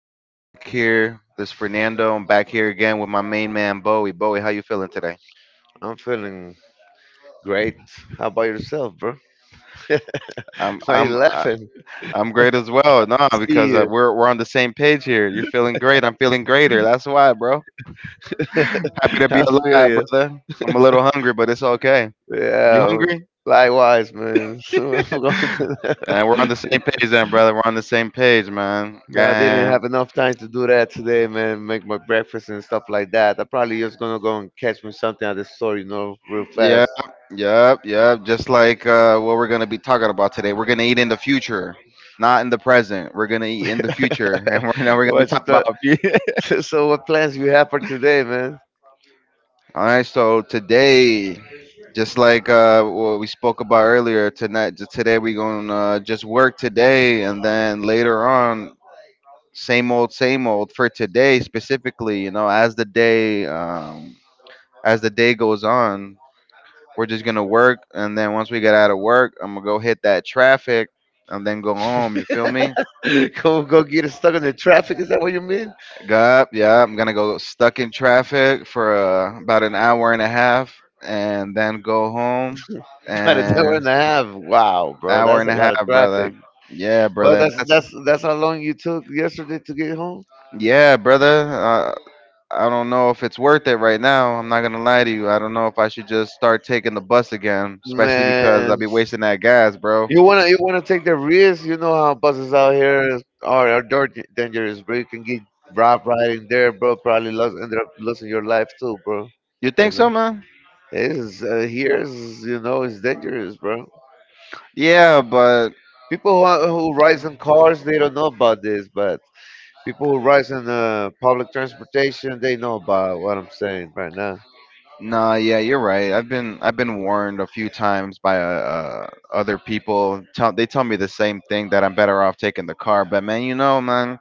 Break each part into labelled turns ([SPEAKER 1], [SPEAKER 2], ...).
[SPEAKER 1] today? I'm back here. This is Fernando. I'm back here again with my main man Bowie. Bowie, how you feeling today?
[SPEAKER 2] I'm feeling great. How about yourself, bro?
[SPEAKER 1] I'm
[SPEAKER 2] Why you
[SPEAKER 1] I'm I-
[SPEAKER 2] laughing?
[SPEAKER 1] I'm great as well. No,
[SPEAKER 2] See
[SPEAKER 1] because
[SPEAKER 2] you.
[SPEAKER 1] we're on the same page here. You're feeling great. I'm feeling greater. That's why, bro. Happy to be
[SPEAKER 2] I feel
[SPEAKER 1] alive,
[SPEAKER 2] you.
[SPEAKER 1] brother. I'm a little hungry, but it's okay. You
[SPEAKER 2] Yeah.
[SPEAKER 1] hungry?
[SPEAKER 2] Likewise, man. So I'm going to.
[SPEAKER 1] And we're on the same page, then, brother. We're on the same page, man.
[SPEAKER 2] No, I didn't
[SPEAKER 1] And
[SPEAKER 2] have enough time to do that today, man. Make my breakfast and stuff like that. I'm probably just gonna go and catch me something at the store, real fast.
[SPEAKER 1] Yep, yep, yep. Just like what we're gonna be talking about today. We're gonna eat in the future, not in the present. We're gonna eat in the future, and right now we're gonna be
[SPEAKER 2] What you
[SPEAKER 1] talking about.
[SPEAKER 2] thought? So, what plans you have for today, man?
[SPEAKER 1] All right. So today, just like what we spoke about earlier, tonight, just today we're gonna just work today, and then later on, same old for today specifically. You know, as the day goes on, we're just gonna work, and then once we get out of work, I'm gonna go hit that traffic, and then go home. You feel me?
[SPEAKER 2] Go, go get stuck in the traffic? Is that what you mean?
[SPEAKER 1] Yup, yeah, I'm gonna go stuck in traffic for about an hour and a half, and then go home,
[SPEAKER 2] About an hour
[SPEAKER 1] and
[SPEAKER 2] and a half. Wow, bro,
[SPEAKER 1] hour
[SPEAKER 2] that's
[SPEAKER 1] and
[SPEAKER 2] a
[SPEAKER 1] a
[SPEAKER 2] lot of
[SPEAKER 1] half, brother.
[SPEAKER 2] traffic.
[SPEAKER 1] Yeah,
[SPEAKER 2] Well,
[SPEAKER 1] brother, and
[SPEAKER 2] that's
[SPEAKER 1] that's
[SPEAKER 2] that's that's how long you took yesterday to get home,
[SPEAKER 1] yeah, brother. I don't know if it's worth it right now. I'm not gonna lie to you. I don't know if I should just start taking the bus again, especially because
[SPEAKER 2] man.
[SPEAKER 1] I'll be wasting that gas, bro.
[SPEAKER 2] You wanna take the risk. You know how buses out here are dirty, dangerous, bro. You can get robbed riding there, bro. Probably lost end up losing your life too, bro.
[SPEAKER 1] You
[SPEAKER 2] You
[SPEAKER 1] think
[SPEAKER 2] know,
[SPEAKER 1] so, man?
[SPEAKER 2] it is here is it's dangerous, bro.
[SPEAKER 1] Yeah, but
[SPEAKER 2] People who, rides in cars they don't know about this, but people who rides in public transportation they know about what I'm saying right now.
[SPEAKER 1] nah, yeah, you're right. I've been warned a few times by other people. Tell they tell me the same thing, that I'm better off taking the car. But man, you know, man,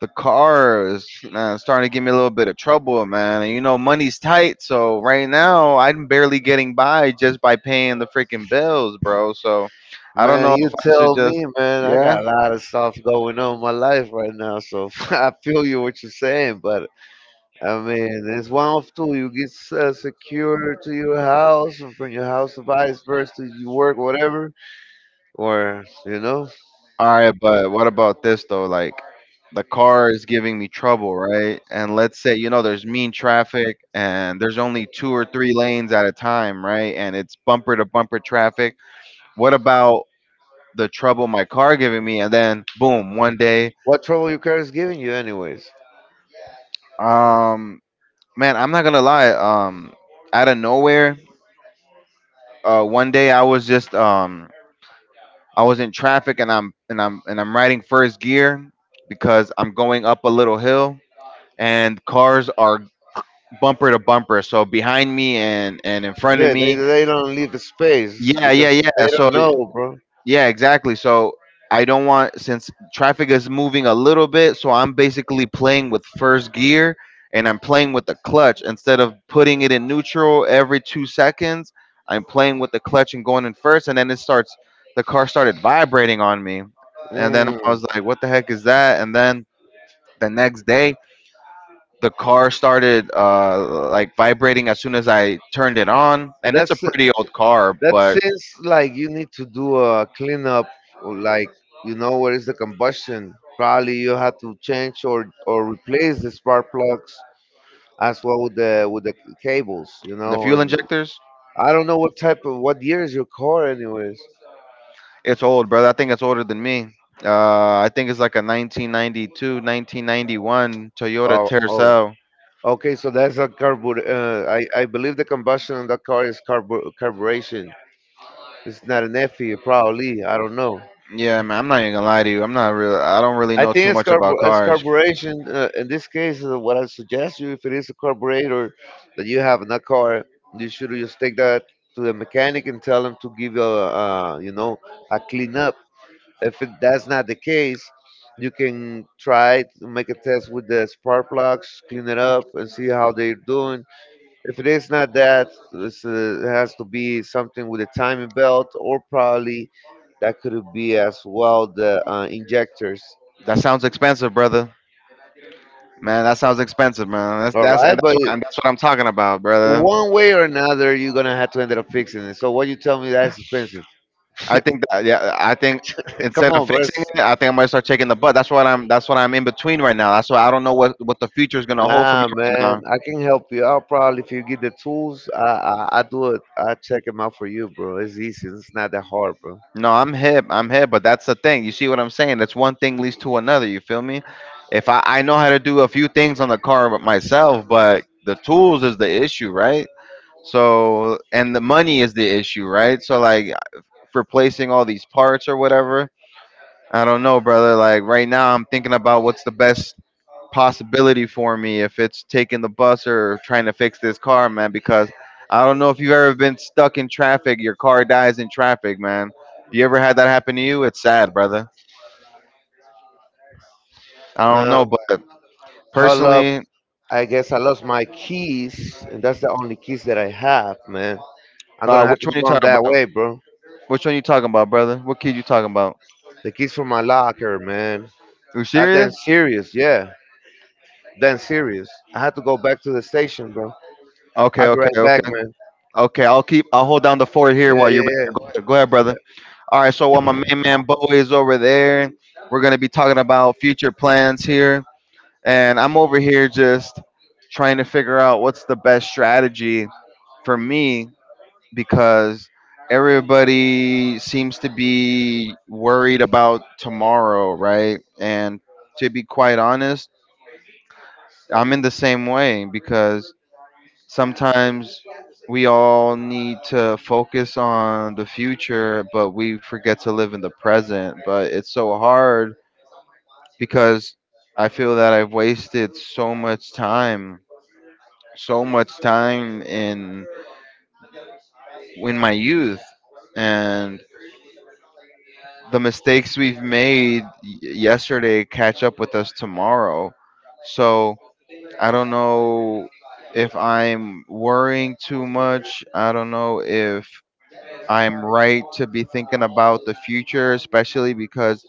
[SPEAKER 1] the car is man it's starting to give me a little bit of trouble, man. And you know, money's tight, so right now I'm barely getting by just by paying the freaking bills, bro. So I don't
[SPEAKER 2] Man,
[SPEAKER 1] know
[SPEAKER 2] you
[SPEAKER 1] if I should
[SPEAKER 2] tell
[SPEAKER 1] just,
[SPEAKER 2] me, man. I
[SPEAKER 1] yeah.
[SPEAKER 2] got a lot of stuff going on in my life right now, so I feel you what you're saying. But I mean, it's one of two. You get secure to your house, and from your house to vice versa, you work whatever, or you know
[SPEAKER 1] All right, but what about this though? Like, the car is giving me trouble, right? And let's say, you know, there's mean traffic and there's only two or three lanes at a time, right? And it's bumper to bumper traffic. What about the trouble my car giving me? And then boom, one day,
[SPEAKER 2] what trouble your car is giving you, anyways.
[SPEAKER 1] um, man, I'm not gonna lie, out of nowhere, one day I was just, I was in traffic and I'm riding first gear because I'm going up a little hill and cars are bumper to bumper, so behind me and in front of
[SPEAKER 2] They,
[SPEAKER 1] me.
[SPEAKER 2] don't leave the space
[SPEAKER 1] Yeah, yeah,
[SPEAKER 2] because
[SPEAKER 1] yeah.
[SPEAKER 2] they
[SPEAKER 1] So
[SPEAKER 2] don't know, bro.
[SPEAKER 1] yeah, exactly. So I don't want, since traffic is moving a little bit, so I'm basically playing with first gear and I'm playing with the clutch instead of putting it in neutral every 2 seconds. I'm playing with the clutch and going in first and then it starts the car started vibrating on me. And then I
[SPEAKER 2] Mm.
[SPEAKER 1] was like, what the heck is that? And then the next day the car started like vibrating as soon as I turned it on, and it's a
[SPEAKER 2] That's
[SPEAKER 1] pretty old car,
[SPEAKER 2] that
[SPEAKER 1] but
[SPEAKER 2] seems like you need to do a cleanup, or like you know where is the combustion. Probably you have to change or replace the spark plugs as well with the cables, you
[SPEAKER 1] the
[SPEAKER 2] know.
[SPEAKER 1] fuel
[SPEAKER 2] And
[SPEAKER 1] injectors,
[SPEAKER 2] I don't know what type of what year is your car, anyways.
[SPEAKER 1] it's old, brother. I think it's older than me. Uh, I think it's like a 1992, 1991 Toyota
[SPEAKER 2] Oh, oh,
[SPEAKER 1] Tercel.
[SPEAKER 2] okay. So that's a carbur. I believe the combustion on the car is carburation. It's not an FE, probably. I don't know.
[SPEAKER 1] Yeah, man, I'm not even gonna lie to you. I don't really
[SPEAKER 2] I
[SPEAKER 1] know
[SPEAKER 2] think
[SPEAKER 1] too
[SPEAKER 2] it's,
[SPEAKER 1] much about
[SPEAKER 2] it's
[SPEAKER 1] cars.
[SPEAKER 2] carburation. In this case, what I suggest you, if it is a carburetor that you have in a car, you should just take that to the mechanic and tell him to give you a, you know, a clean up. If it, that's not the case, you can try to make a test with the spark plugs, clean it up, and see how they're doing. If it is not that, it's, it has to be something with a timing belt or probably that could be as well the injectors.
[SPEAKER 1] That sounds expensive, brother. Man, that sounds expensive, man.
[SPEAKER 2] All
[SPEAKER 1] That's
[SPEAKER 2] right,
[SPEAKER 1] and that's what I'm talking about, brother.
[SPEAKER 2] one way or another, you're gonna have to end up fixing it. So what you tell me that's expensive?
[SPEAKER 1] I think
[SPEAKER 2] Come
[SPEAKER 1] instead
[SPEAKER 2] on,
[SPEAKER 1] of
[SPEAKER 2] bros.
[SPEAKER 1] fixing it, I think I might start taking the butt. That's what I'm in between right now. That's why I don't know what the future is gonna hold for me
[SPEAKER 2] Nah,
[SPEAKER 1] right
[SPEAKER 2] man,
[SPEAKER 1] now.
[SPEAKER 2] I can help you out. Probably if you get the tools, I do it. I check them out for you, bro. It's easy. It's not that hard, bro.
[SPEAKER 1] No, I'm hip, but that's the thing. You see what I'm saying? That's one thing leads to another. You feel me? If I know how to do a few things on the car with myself, but the tools is the issue, right? So and the money is the issue, right? So like replacing all these parts or whatever. I don't know, brother. Like right now, I'm thinking about what's the best possibility for me if it's taking the bus or trying to fix this car, man, because I don't know if you've ever been stuck in traffic, your car dies in traffic, man. You ever had that happen to you? It's sad, brother. I don't
[SPEAKER 2] Nah,
[SPEAKER 1] know, but
[SPEAKER 2] hold up.
[SPEAKER 1] personally,
[SPEAKER 2] I guess I lost my keys, and that's the only keys that I have, man. I'm gonna have
[SPEAKER 1] which
[SPEAKER 2] to
[SPEAKER 1] one you
[SPEAKER 2] run
[SPEAKER 1] talking
[SPEAKER 2] that
[SPEAKER 1] about?
[SPEAKER 2] way, bro.
[SPEAKER 1] Which one you talking about, brother? What kid you talking about?
[SPEAKER 2] The keys from my locker, man.
[SPEAKER 1] You
[SPEAKER 2] I then
[SPEAKER 1] serious?
[SPEAKER 2] serious, yeah. Then serious. I had to go back to the station, bro.
[SPEAKER 1] Okay,
[SPEAKER 2] I'll be
[SPEAKER 1] okay,
[SPEAKER 2] right back,
[SPEAKER 1] okay,
[SPEAKER 2] man.
[SPEAKER 1] okay. I'll keep. I'll hold down the fort here
[SPEAKER 2] Yeah,
[SPEAKER 1] while you're.
[SPEAKER 2] yeah, yeah.
[SPEAKER 1] Go ahead,
[SPEAKER 2] Yeah.
[SPEAKER 1] brother. All right. So while my main man Bo is over there, we're gonna be talking about future plans here, and I'm over here just trying to figure out what's the best strategy for me, because everybody seems to be worried about tomorrow, right? And to be quite honest, I'm in the same way because sometimes we all need to focus on the future, but we forget to live in the present. But it's so hard because I feel that I've wasted so much time, so much time in my youth, and the mistakes we've made yesterday catch up with us tomorrow. So I don't know if I'm worrying too much. I don't know if I'm right to be thinking about the future, especially because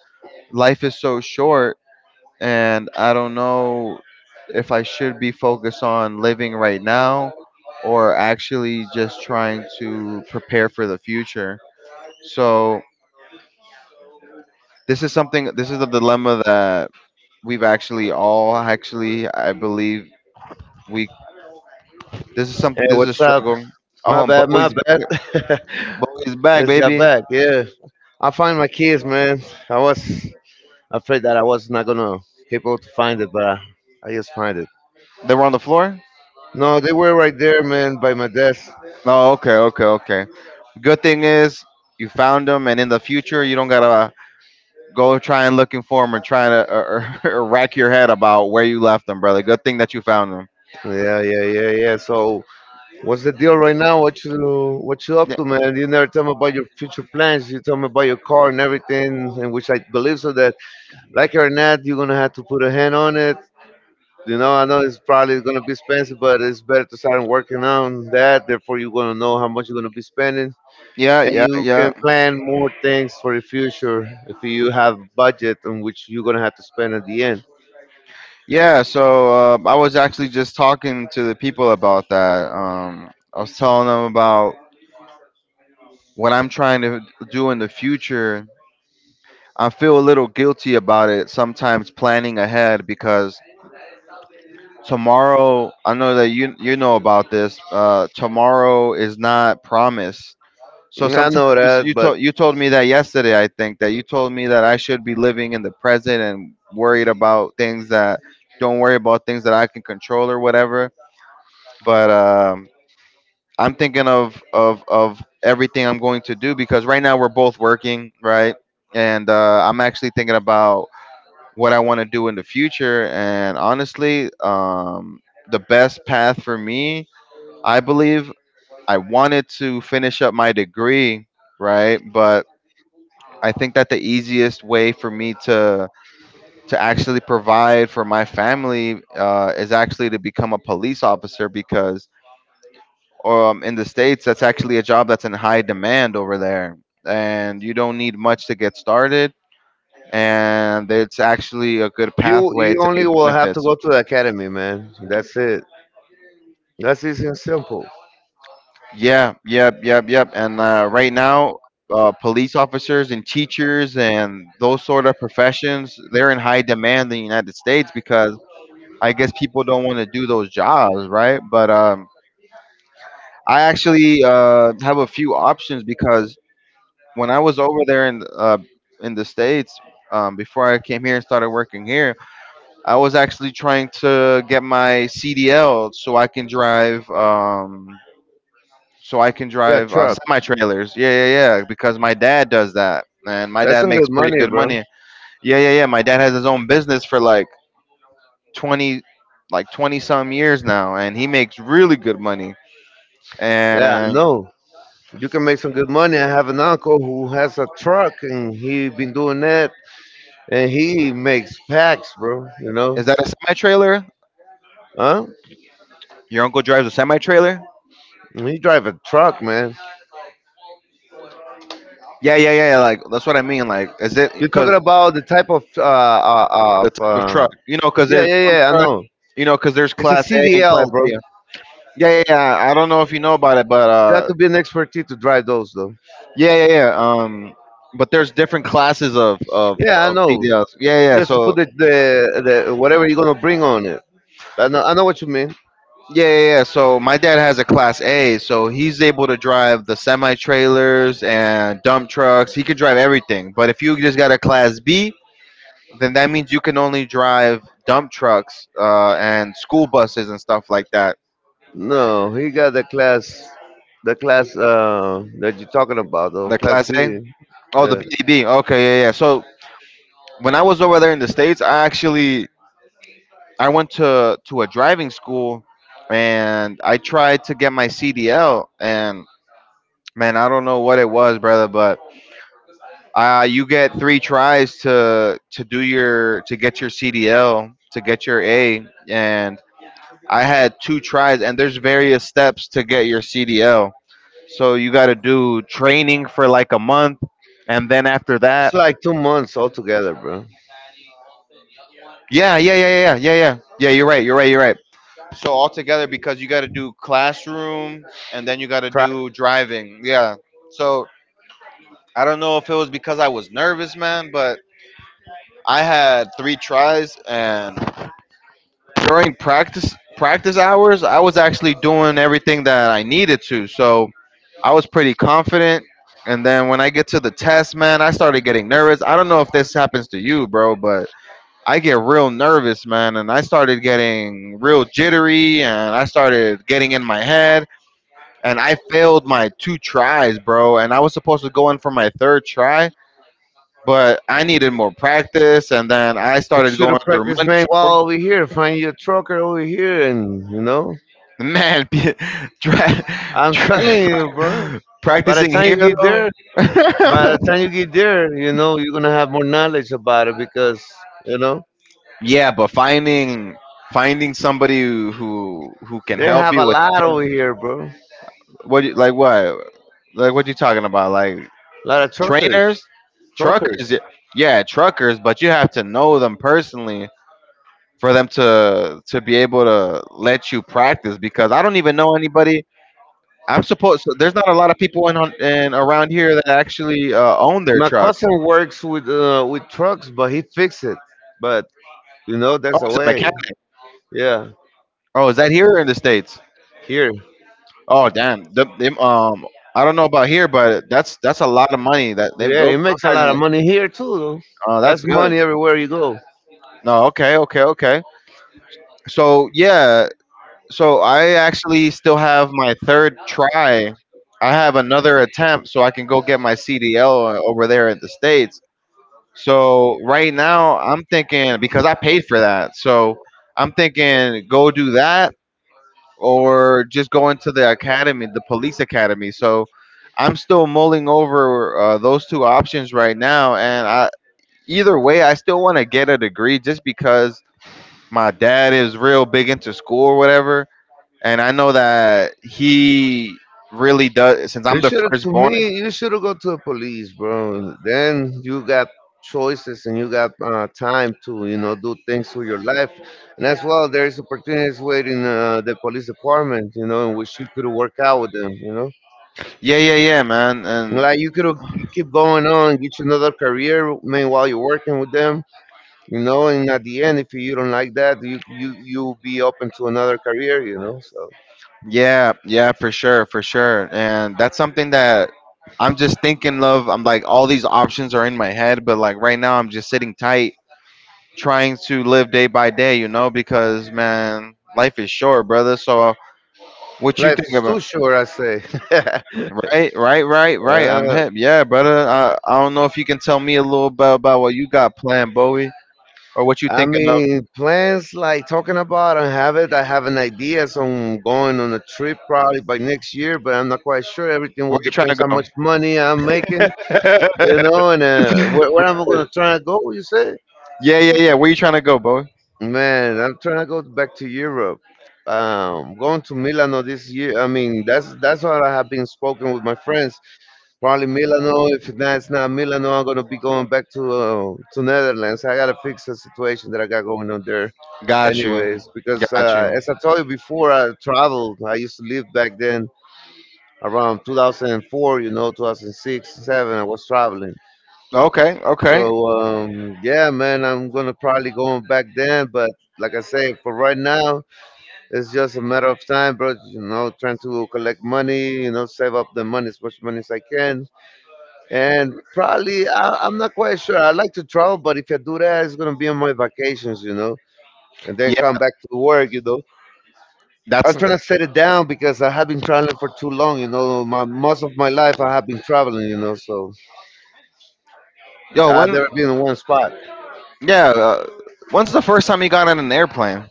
[SPEAKER 1] life is so short, and I don't know if I should be focused on living right now or actually just trying to prepare for the future. So this is something, this is the dilemma that we've actually all actually I believe we
[SPEAKER 2] Hey,
[SPEAKER 1] this is a
[SPEAKER 2] what's up?
[SPEAKER 1] struggle.
[SPEAKER 2] My
[SPEAKER 1] Oh, and
[SPEAKER 2] bad, my
[SPEAKER 1] Bowie's
[SPEAKER 2] bad.
[SPEAKER 1] back. Bowie's back,
[SPEAKER 2] Just got
[SPEAKER 1] baby.
[SPEAKER 2] back. Yeah, I find my keys, man. I was afraid that I was not gonna be able to find it, but I just find it.
[SPEAKER 1] They were on the floor?
[SPEAKER 2] No, they were right there, man, by my desk.
[SPEAKER 1] Oh, okay, okay, okay. Good thing is you found them, and in the future you don't got to go try and looking for them, or trying to, or rack your head about where you left them, brother. Good thing that you found them.
[SPEAKER 2] Yeah, yeah, yeah, yeah. So, what's the deal right now? What you up to, man? You never tell me about your future plans. You tell me about your car and everything, and which I believe so that. Like it or not, you're gonna have to put a hand on it. You know, I know it's probably gonna be expensive, but it's better to start working on that. Therefore, you're gonna know how much you're gonna be spending,
[SPEAKER 1] Yeah,
[SPEAKER 2] and
[SPEAKER 1] yeah,
[SPEAKER 2] you
[SPEAKER 1] yeah,
[SPEAKER 2] can
[SPEAKER 1] yeah.
[SPEAKER 2] plan more things for the future if you have a budget on which you're gonna have to spend at the end.
[SPEAKER 1] Yeah, so I was actually just talking to the people about that. I was telling them about what I'm trying to do in the future. I feel a little guilty about it sometimes planning ahead because tomorrow, I know that you know about this. Tomorrow is not promised. So
[SPEAKER 2] I
[SPEAKER 1] sometimes
[SPEAKER 2] know that, but
[SPEAKER 1] you told me that yesterday. I think that you told me that I should be living in the present and worried about things that don't worry about things that I can control or whatever. But I'm thinking of everything I'm going to do because right now we're both working, right? And I'm actually thinking about what I want to do in the future. And honestly, the best path for me, I believe, I wanted to finish up my degree, right? But I think that the easiest way for me to actually provide for my family is actually to become a police officer, because in the states that's actually a job that's in high demand over there, and you don't need much to get started, and it's actually a good
[SPEAKER 2] you
[SPEAKER 1] pathway to
[SPEAKER 2] only
[SPEAKER 1] get
[SPEAKER 2] will have to
[SPEAKER 1] benefits.
[SPEAKER 2] go to the academy, man. That's it. That's easy and simple.
[SPEAKER 1] Yeah, yep, yep, yep. And right now, police officers and teachers and those sort of professions, they're in high demand in the United States because I guess people don't want to do those jobs, right? But I actually have a few options because when I was over there in the states, before I came here and started working here, I was actually trying to get my CDL so I can drive so I can
[SPEAKER 2] Yeah,
[SPEAKER 1] drive
[SPEAKER 2] truck.
[SPEAKER 1] semi trailers. Yeah, yeah, yeah. Because my dad does that, and my
[SPEAKER 2] That's
[SPEAKER 1] dad
[SPEAKER 2] some good
[SPEAKER 1] makes pretty
[SPEAKER 2] money,
[SPEAKER 1] good
[SPEAKER 2] bro.
[SPEAKER 1] money. Yeah, yeah, yeah. My dad has his own business for like twenty like 20 some years now, and he makes really good money.
[SPEAKER 2] Yeah, I
[SPEAKER 1] And
[SPEAKER 2] know. You can make some good money. I have an uncle who has a truck and he been doing that and he makes packs, bro, you know?
[SPEAKER 1] is that a semi trailer?
[SPEAKER 2] Huh?
[SPEAKER 1] Your uncle drives a semi trailer?
[SPEAKER 2] He drive a truck, man.
[SPEAKER 1] Yeah, yeah, yeah. Yeah, like that's what I mean. Like, is it
[SPEAKER 2] You're talking
[SPEAKER 1] because
[SPEAKER 2] about the type of
[SPEAKER 1] the type of truck? You know, because
[SPEAKER 2] yeah,
[SPEAKER 1] there's
[SPEAKER 2] yeah,
[SPEAKER 1] some
[SPEAKER 2] yeah, I
[SPEAKER 1] trucks.
[SPEAKER 2] know.
[SPEAKER 1] You know, because there's
[SPEAKER 2] It's a
[SPEAKER 1] class
[SPEAKER 2] C
[SPEAKER 1] A
[SPEAKER 2] D
[SPEAKER 1] and
[SPEAKER 2] L,
[SPEAKER 1] class
[SPEAKER 2] bro.
[SPEAKER 1] B. Yeah, yeah, yeah. I don't know if you know about it, but
[SPEAKER 2] You have to be an expertise to drive those though.
[SPEAKER 1] yeah, yeah, yeah. But there's different classes of of
[SPEAKER 2] Yeah, I
[SPEAKER 1] of
[SPEAKER 2] know.
[SPEAKER 1] CDLs. Yeah,
[SPEAKER 2] You
[SPEAKER 1] yeah.
[SPEAKER 2] have to put
[SPEAKER 1] So
[SPEAKER 2] the whatever you're gonna bring on it. I know what you mean.
[SPEAKER 1] yeah, yeah, yeah. So my dad has a class A, so he's able to drive the semi trailers and dump trucks. He could drive everything. But if you just got a class B, then that means you can only drive dump trucks and school buses and stuff like that.
[SPEAKER 2] No, he got the class, that you're talking about, though,
[SPEAKER 1] The
[SPEAKER 2] class
[SPEAKER 1] Class
[SPEAKER 2] B.
[SPEAKER 1] A. Oh, the
[SPEAKER 2] Yeah,
[SPEAKER 1] BDB. Okay, yeah, yeah. So when I was over there in the states, I actually I went to a driving school, and I tried to get my CDL. And man, I don't know what it was, brother, but you get three tries to get your CDL to get your A, and I had two tries, and there's various steps to get your CDL. So you got to do training for like a month, and then after
[SPEAKER 2] it's
[SPEAKER 1] that,
[SPEAKER 2] like 2 months altogether, bro.
[SPEAKER 1] yeah, yeah, yeah, yeah, yeah, yeah, yeah. You're right. You're right. You're right. So altogether, because you got to do classrooms and then you got to
[SPEAKER 2] Practice.
[SPEAKER 1] do driving. Yeah. So I don't know if it was because I was nervous, man, but I had three tries and during practice hours, I was actually doing everything that I needed to. So I was pretty confident. And then when I get to the test, man, I started getting nervous. I don't know if this happens to you, bro, but I get real nervous, man, and I started getting real jittery and I started getting in my head and I failed my two tries, bro, and I was supposed to go in for my third try, but I needed more practice and then I
[SPEAKER 2] You
[SPEAKER 1] started
[SPEAKER 2] should
[SPEAKER 1] going
[SPEAKER 2] have
[SPEAKER 1] through
[SPEAKER 2] practiced, man.
[SPEAKER 1] money.
[SPEAKER 2] While over here, find your trucker over here, and you know,
[SPEAKER 1] Man, be- dra-
[SPEAKER 2] I'm telling you, bro. By the
[SPEAKER 1] practicing
[SPEAKER 2] time you
[SPEAKER 1] here
[SPEAKER 2] get
[SPEAKER 1] though.
[SPEAKER 2] there, you know, you're gonna have more knowledge about it because you know
[SPEAKER 1] Yeah, but finding somebody who can
[SPEAKER 2] they
[SPEAKER 1] help
[SPEAKER 2] have a
[SPEAKER 1] you with
[SPEAKER 2] lot over here, bro.
[SPEAKER 1] what you- like what like what you talking about like
[SPEAKER 2] Lot of truckers,
[SPEAKER 1] trainers, truckers.
[SPEAKER 2] truckers.
[SPEAKER 1] Yeah, truckers, but you have to know them personally for them to be able to let you practice because I don't even know anybody. I'm supposed so There's not a lot of people in around here that actually own their
[SPEAKER 2] My
[SPEAKER 1] trucks.
[SPEAKER 2] cousin works with trucks, but he fixes it. But you know,
[SPEAKER 1] Oh,
[SPEAKER 2] that's the
[SPEAKER 1] he's a
[SPEAKER 2] way.
[SPEAKER 1] mechanic.
[SPEAKER 2] Yeah,
[SPEAKER 1] Oh, is that here or in the states?
[SPEAKER 2] here.
[SPEAKER 1] Oh, damn. Them, I don't know about here, but that's a lot of money.
[SPEAKER 2] Yeah,
[SPEAKER 1] Those
[SPEAKER 2] he makes a
[SPEAKER 1] guys.
[SPEAKER 2] lot of money here too. Though.
[SPEAKER 1] That's
[SPEAKER 2] That's
[SPEAKER 1] good.
[SPEAKER 2] money everywhere you go.
[SPEAKER 1] No, okay, okay, okay. So yeah, so I actually still have my third try. I have another attempt, so I can go get my CDL over there in the states. So right now, I'm thinking because I paid for that, so I'm thinking go do that or just going to the academy, the police academy. So I'm still mulling over those two options right now, and I, either way, I still want to get a degree just because my dad is real big into school or whatever, and I know that he really does. Since
[SPEAKER 2] You
[SPEAKER 1] I'm the
[SPEAKER 2] should have, to
[SPEAKER 1] firstborn,
[SPEAKER 2] me, you should have gone to the police, bro. Then you got choices and you got time to, you know, do things with your life. And as well, there's opportunities waiting the police department, you know, in which you could work out with them, you know.
[SPEAKER 1] yeah, yeah, yeah, man, and
[SPEAKER 2] Like you could you keep going on, get you another career. Meanwhile, you're working with them, you know. And at the end, if you don't like that, you'll be open to another career, you know. So
[SPEAKER 1] yeah, yeah, for sure, and that's something that. I'm just thinking of. I'm like all these options are in my head, but like right now I'm just sitting tight trying to live day by day, you know, because man, life is short, brother. So what you
[SPEAKER 2] life
[SPEAKER 1] think
[SPEAKER 2] is too
[SPEAKER 1] about?
[SPEAKER 2] short, I say. uh,
[SPEAKER 1] Right, right, right, right. I'm hip. Yeah, brother. I don't know if you can tell me a little bit about what you got planned, Bowie, or what you
[SPEAKER 2] I
[SPEAKER 1] thinking of.
[SPEAKER 2] mean, plans like talking about, I have it. I have an idea, so I'm going on a trip probably by next year, but I'm not quite sure. Everything
[SPEAKER 1] Where
[SPEAKER 2] will
[SPEAKER 1] you trying
[SPEAKER 2] depends
[SPEAKER 1] to
[SPEAKER 2] how
[SPEAKER 1] go?
[SPEAKER 2] much money I'm making, you know, and where I'm gonna try to go. You say?
[SPEAKER 1] Yeah, yeah, yeah. Where you trying to go, Bowie?
[SPEAKER 2] Man, I'm trying to go back to Europe. Going to Milano this year. I mean, that's what I have been spoken with my friends. Probably Milano. If that's not Milano, I'm gonna be going back to Netherlands. I gotta fix the situation that I got going on there,
[SPEAKER 1] Got you.
[SPEAKER 2] anyways. Because
[SPEAKER 1] Got you.
[SPEAKER 2] as I told you before, I traveled. I used to live back then around 2004. You know, 2006, seven. I was traveling.
[SPEAKER 1] Okay,
[SPEAKER 2] So
[SPEAKER 1] okay.
[SPEAKER 2] yeah, man, I'm gonna probably going back then, but like I say, for right now, it's just a matter of time, bro. You know, trying to collect money, you know, save up the money, as much money as I can. And probably, I'm not quite sure. I like to travel, but if I do that, it's going to be on my vacations, you know, and then
[SPEAKER 1] Yeah,
[SPEAKER 2] come back to work, you know. I'm
[SPEAKER 1] that's the.
[SPEAKER 2] trying to set it down because I have been traveling for too long, you know. My, most of my life, I have been traveling, you know, so
[SPEAKER 1] Yo.
[SPEAKER 2] I've never
[SPEAKER 1] When
[SPEAKER 2] been in one spot.
[SPEAKER 1] Yeah, when's the first time you got on an airplane?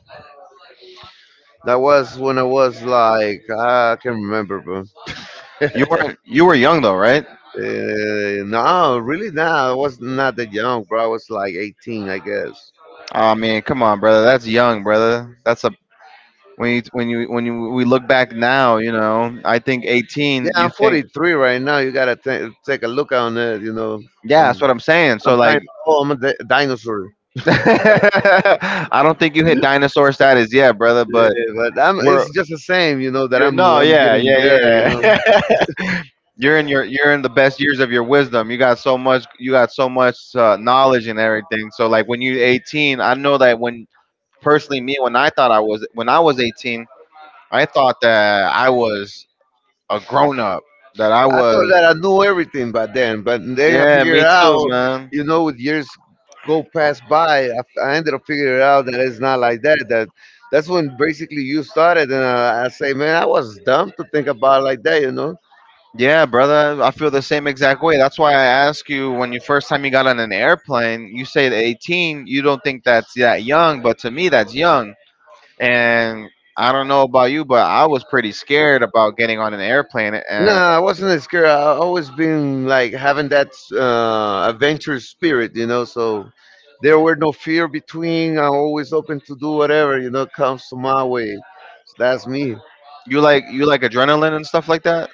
[SPEAKER 2] That was when I was like, ah, I can't remember, bro.
[SPEAKER 1] You weren't You were young though, right?
[SPEAKER 2] No, really, nah. I was not that young, bro. I was like 18, I guess.
[SPEAKER 1] I mean, come on, brother. That's young, brother. That's a when you we look back now, you know. I think
[SPEAKER 2] Yeah,
[SPEAKER 1] 18. You
[SPEAKER 2] I'm
[SPEAKER 1] think
[SPEAKER 2] 43 right now. You gotta ta take a look on it. You know,
[SPEAKER 1] Yeah, that's
[SPEAKER 2] I'm,
[SPEAKER 1] what I'm saying. So
[SPEAKER 2] I'm kind
[SPEAKER 1] like,
[SPEAKER 2] of oh, I'm a dinosaur.
[SPEAKER 1] I don't think you hit dinosaur status yet, brother. But
[SPEAKER 2] Yeah, but I'm.
[SPEAKER 1] we're
[SPEAKER 2] It's just the same, you know, that
[SPEAKER 1] You're,
[SPEAKER 2] I'm.
[SPEAKER 1] no,
[SPEAKER 2] I'm
[SPEAKER 1] yeah,
[SPEAKER 2] getting
[SPEAKER 1] yeah,
[SPEAKER 2] there, you know.
[SPEAKER 1] yeah. You're in your you're in the best years of your wisdom. You got so much knowledge and everything. So like when you're 18, I know that when personally me when I thought I was when I was 18, I thought that I was a grown up. That I
[SPEAKER 2] I thought
[SPEAKER 1] was
[SPEAKER 2] that I knew everything by then, but then I
[SPEAKER 1] Yeah,
[SPEAKER 2] figured
[SPEAKER 1] me too,
[SPEAKER 2] out,
[SPEAKER 1] man.
[SPEAKER 2] you know, with years go pass by, I ended up figuring out that it's not like that. That that's when basically you started, and I say, man, I was dumb to think about it like that, you know.
[SPEAKER 1] Yeah, brother, I feel the same exact way. That's why I ask you when you first time you got on an airplane, you say the 18, you don't think that's that young, but to me that's young. And I don't know about you, but I was pretty scared about getting on an airplane. And
[SPEAKER 2] Nah, I wasn't as scared. I always been like having that adventurous spirit, you know. So there were no fear between. I'm always open to do whatever you know comes to my way. So that's me.
[SPEAKER 1] you like adrenaline and stuff like that.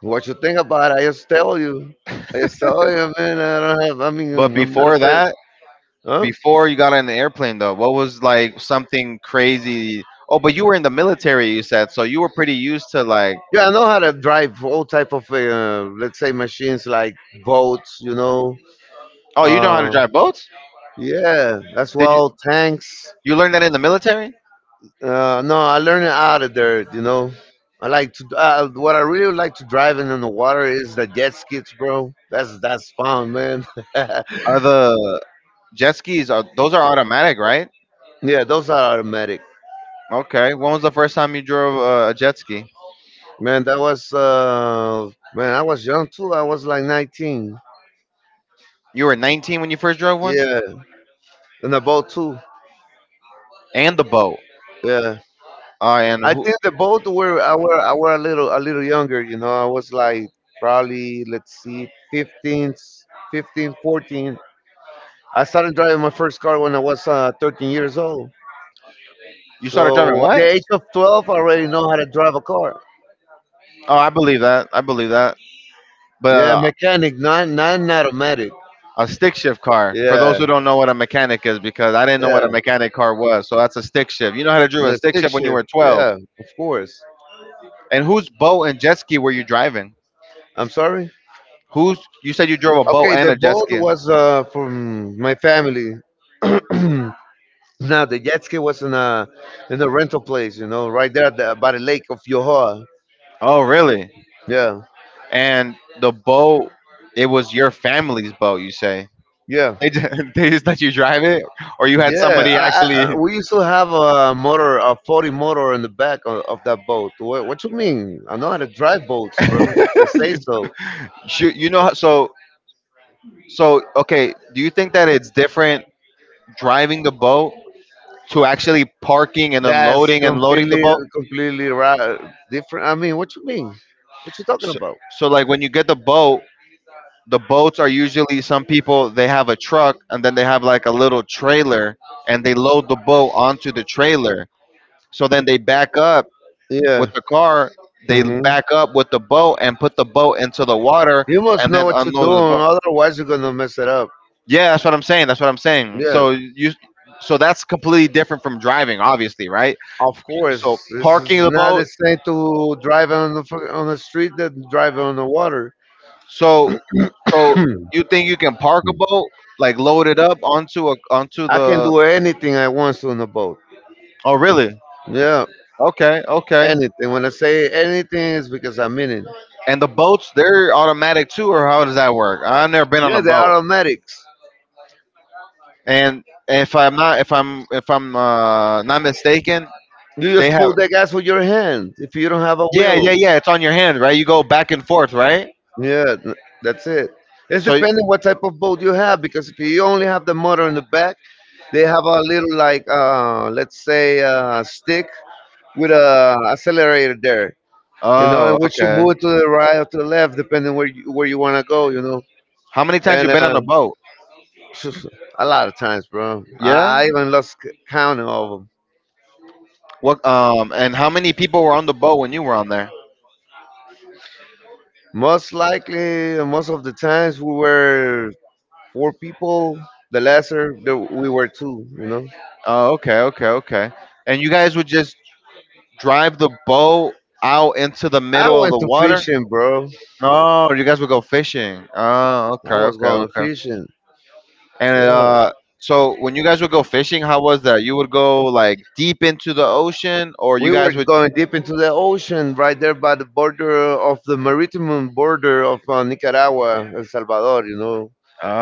[SPEAKER 2] What you think about it? I just tell you. I just tell you, man. I don't have. I mean,
[SPEAKER 1] But
[SPEAKER 2] I'm not
[SPEAKER 1] before
[SPEAKER 2] afraid.
[SPEAKER 1] that,
[SPEAKER 2] Huh?
[SPEAKER 1] before you got on the airplane though, what was like something crazy? Oh, but you were in the military, you said, so you were pretty used to like.
[SPEAKER 2] Yeah, I know how to drive all type of, let's say, machines like boats. You know.
[SPEAKER 1] Oh, you know how to
[SPEAKER 2] Uh,
[SPEAKER 1] drive boats?
[SPEAKER 2] yeah, that's
[SPEAKER 1] Did you
[SPEAKER 2] well. Tanks.
[SPEAKER 1] You learn that in the military?
[SPEAKER 2] No, I learned it out of there. You know. I like to. What I really like to drive in on the water is the jet skis, bro. That's fun, man. Yeah,
[SPEAKER 1] Are the Jet skis are those are automatic, right?
[SPEAKER 2] those are automatic.
[SPEAKER 1] Okay. When was the first time you drove a jet ski?
[SPEAKER 2] Man, that was I was young too. I was like 19.
[SPEAKER 1] You were 19 when you first drove one,
[SPEAKER 2] Yeah, in the boat too.
[SPEAKER 1] and the boat.
[SPEAKER 2] Yeah,
[SPEAKER 1] Uh, and
[SPEAKER 2] I
[SPEAKER 1] who,
[SPEAKER 2] think the boat were I were a little younger. You know, I was like probably let's see, 15, 14. I started driving my first car when I was 13 years old.
[SPEAKER 1] You started driving
[SPEAKER 2] So at
[SPEAKER 1] what?
[SPEAKER 2] the age of 12, I already know how to drive a car.
[SPEAKER 1] Oh, I believe that. I believe that. But
[SPEAKER 2] Yeah, mechanic, not automatic.
[SPEAKER 1] a stick shift car, for those
[SPEAKER 2] Yeah,
[SPEAKER 1] who don't know what a mechanic is, because I didn't know what
[SPEAKER 2] yeah,
[SPEAKER 1] a mechanic car was. So that's a stick shift. You know how to drive a
[SPEAKER 2] yeah,
[SPEAKER 1] stick
[SPEAKER 2] stick
[SPEAKER 1] shift when you
[SPEAKER 2] shift.
[SPEAKER 1] were 12.
[SPEAKER 2] Yeah, of course.
[SPEAKER 1] And whose boat and jet ski were you driving?
[SPEAKER 2] I'm sorry.
[SPEAKER 1] Who's you said you drove a boat
[SPEAKER 2] Okay,
[SPEAKER 1] and
[SPEAKER 2] the
[SPEAKER 1] a jet
[SPEAKER 2] boat
[SPEAKER 1] ski?
[SPEAKER 2] was from my family. Now the jet ski was in a rental place, you know, right there at by the lake of Yohoa.
[SPEAKER 1] Oh, really?
[SPEAKER 2] Yeah,
[SPEAKER 1] And the boat, it was your family's boat. You say
[SPEAKER 2] yeah,
[SPEAKER 1] they just, they just let you drive it, or you had
[SPEAKER 2] yeah.
[SPEAKER 1] somebody actually.
[SPEAKER 2] We used to have a motor, a 40 motor in the back of that boat. What you mean? I know how to drive boats, bro. If they say so.
[SPEAKER 1] Shoot, you know, so so okay. Do you think that it's different driving the boat to actually parking and
[SPEAKER 2] That's
[SPEAKER 1] unloading and loading the boat.
[SPEAKER 2] completely right. Different. I mean? What you talking
[SPEAKER 1] So,
[SPEAKER 2] about?
[SPEAKER 1] so like when you get the boat, the boats are usually some people they have a truck and then they have like a little trailer and they load the boat onto the trailer. So then they back up
[SPEAKER 2] Yeah.
[SPEAKER 1] with the car, they
[SPEAKER 2] Hmm.
[SPEAKER 1] back up with the boat and put the boat into the water
[SPEAKER 2] You must
[SPEAKER 1] and
[SPEAKER 2] know
[SPEAKER 1] then
[SPEAKER 2] what you're
[SPEAKER 1] unload the
[SPEAKER 2] doing,
[SPEAKER 1] boat.
[SPEAKER 2] otherwise you're gonna mess it up.
[SPEAKER 1] Yeah, that's what I'm saying. That's what I'm saying.
[SPEAKER 2] Yeah,
[SPEAKER 1] So that's completely different from driving, obviously, right?
[SPEAKER 2] of course.
[SPEAKER 1] So
[SPEAKER 2] This
[SPEAKER 1] parking
[SPEAKER 2] is
[SPEAKER 1] the
[SPEAKER 2] not the
[SPEAKER 1] boat.
[SPEAKER 2] same to drive on the on the street than drive on the water.
[SPEAKER 1] So So you think you can park a boat, like load it up onto a onto
[SPEAKER 2] I can
[SPEAKER 1] the?
[SPEAKER 2] do anything I want to on the boat.
[SPEAKER 1] Oh, really?
[SPEAKER 2] Yeah,
[SPEAKER 1] Okay, okay.
[SPEAKER 2] anything. When I say anything, it's because I mean it.
[SPEAKER 1] And the boats, they're automatic too, or how does that work? I've never been on
[SPEAKER 2] Yeah,
[SPEAKER 1] a
[SPEAKER 2] they're
[SPEAKER 1] boat,
[SPEAKER 2] automatics.
[SPEAKER 1] and if I'm not, if I'm not mistaken,
[SPEAKER 2] You
[SPEAKER 1] they
[SPEAKER 2] just
[SPEAKER 1] have.
[SPEAKER 2] pull the gas with your hand if you don't have a
[SPEAKER 1] Yeah,
[SPEAKER 2] wheel.
[SPEAKER 1] yeah, yeah. It's on your hand, right? You go back and forth, right?
[SPEAKER 2] Yeah, th- that's it. It's
[SPEAKER 1] So, y-
[SPEAKER 2] depending what type of boat you have because if you only have the motor in the back, they have a little like let's say stick with a accelerator there, you know,
[SPEAKER 1] oh,
[SPEAKER 2] in which you
[SPEAKER 1] okay.
[SPEAKER 2] move to the right or to the left depending where you want to go, you know.
[SPEAKER 1] How many times you
[SPEAKER 2] And
[SPEAKER 1] been on a boat?
[SPEAKER 2] a lot of times, bro,
[SPEAKER 1] Yeah.
[SPEAKER 2] I even lost count of them.
[SPEAKER 1] What? And how many people were on the boat when you were on there?
[SPEAKER 2] Most likely, most of the times we were four people. The lesser, we were two, you know.
[SPEAKER 1] Oh, okay, okay, okay. And you guys would just drive the boat out into the
[SPEAKER 2] I
[SPEAKER 1] middle of
[SPEAKER 2] went
[SPEAKER 1] the
[SPEAKER 2] to
[SPEAKER 1] water?
[SPEAKER 2] fishing, bro.
[SPEAKER 1] No, you guys would go fishing. Oh, okay,
[SPEAKER 2] I was
[SPEAKER 1] okay,
[SPEAKER 2] going
[SPEAKER 1] okay.
[SPEAKER 2] fishing.
[SPEAKER 1] And
[SPEAKER 2] Yeah.
[SPEAKER 1] so when you guys would go fishing, how was that? You would go like deep into the ocean, or you
[SPEAKER 2] We were
[SPEAKER 1] guys would.
[SPEAKER 2] going deep into the ocean right there by the border of the maritime border of Nicaragua, El Salvador, you know.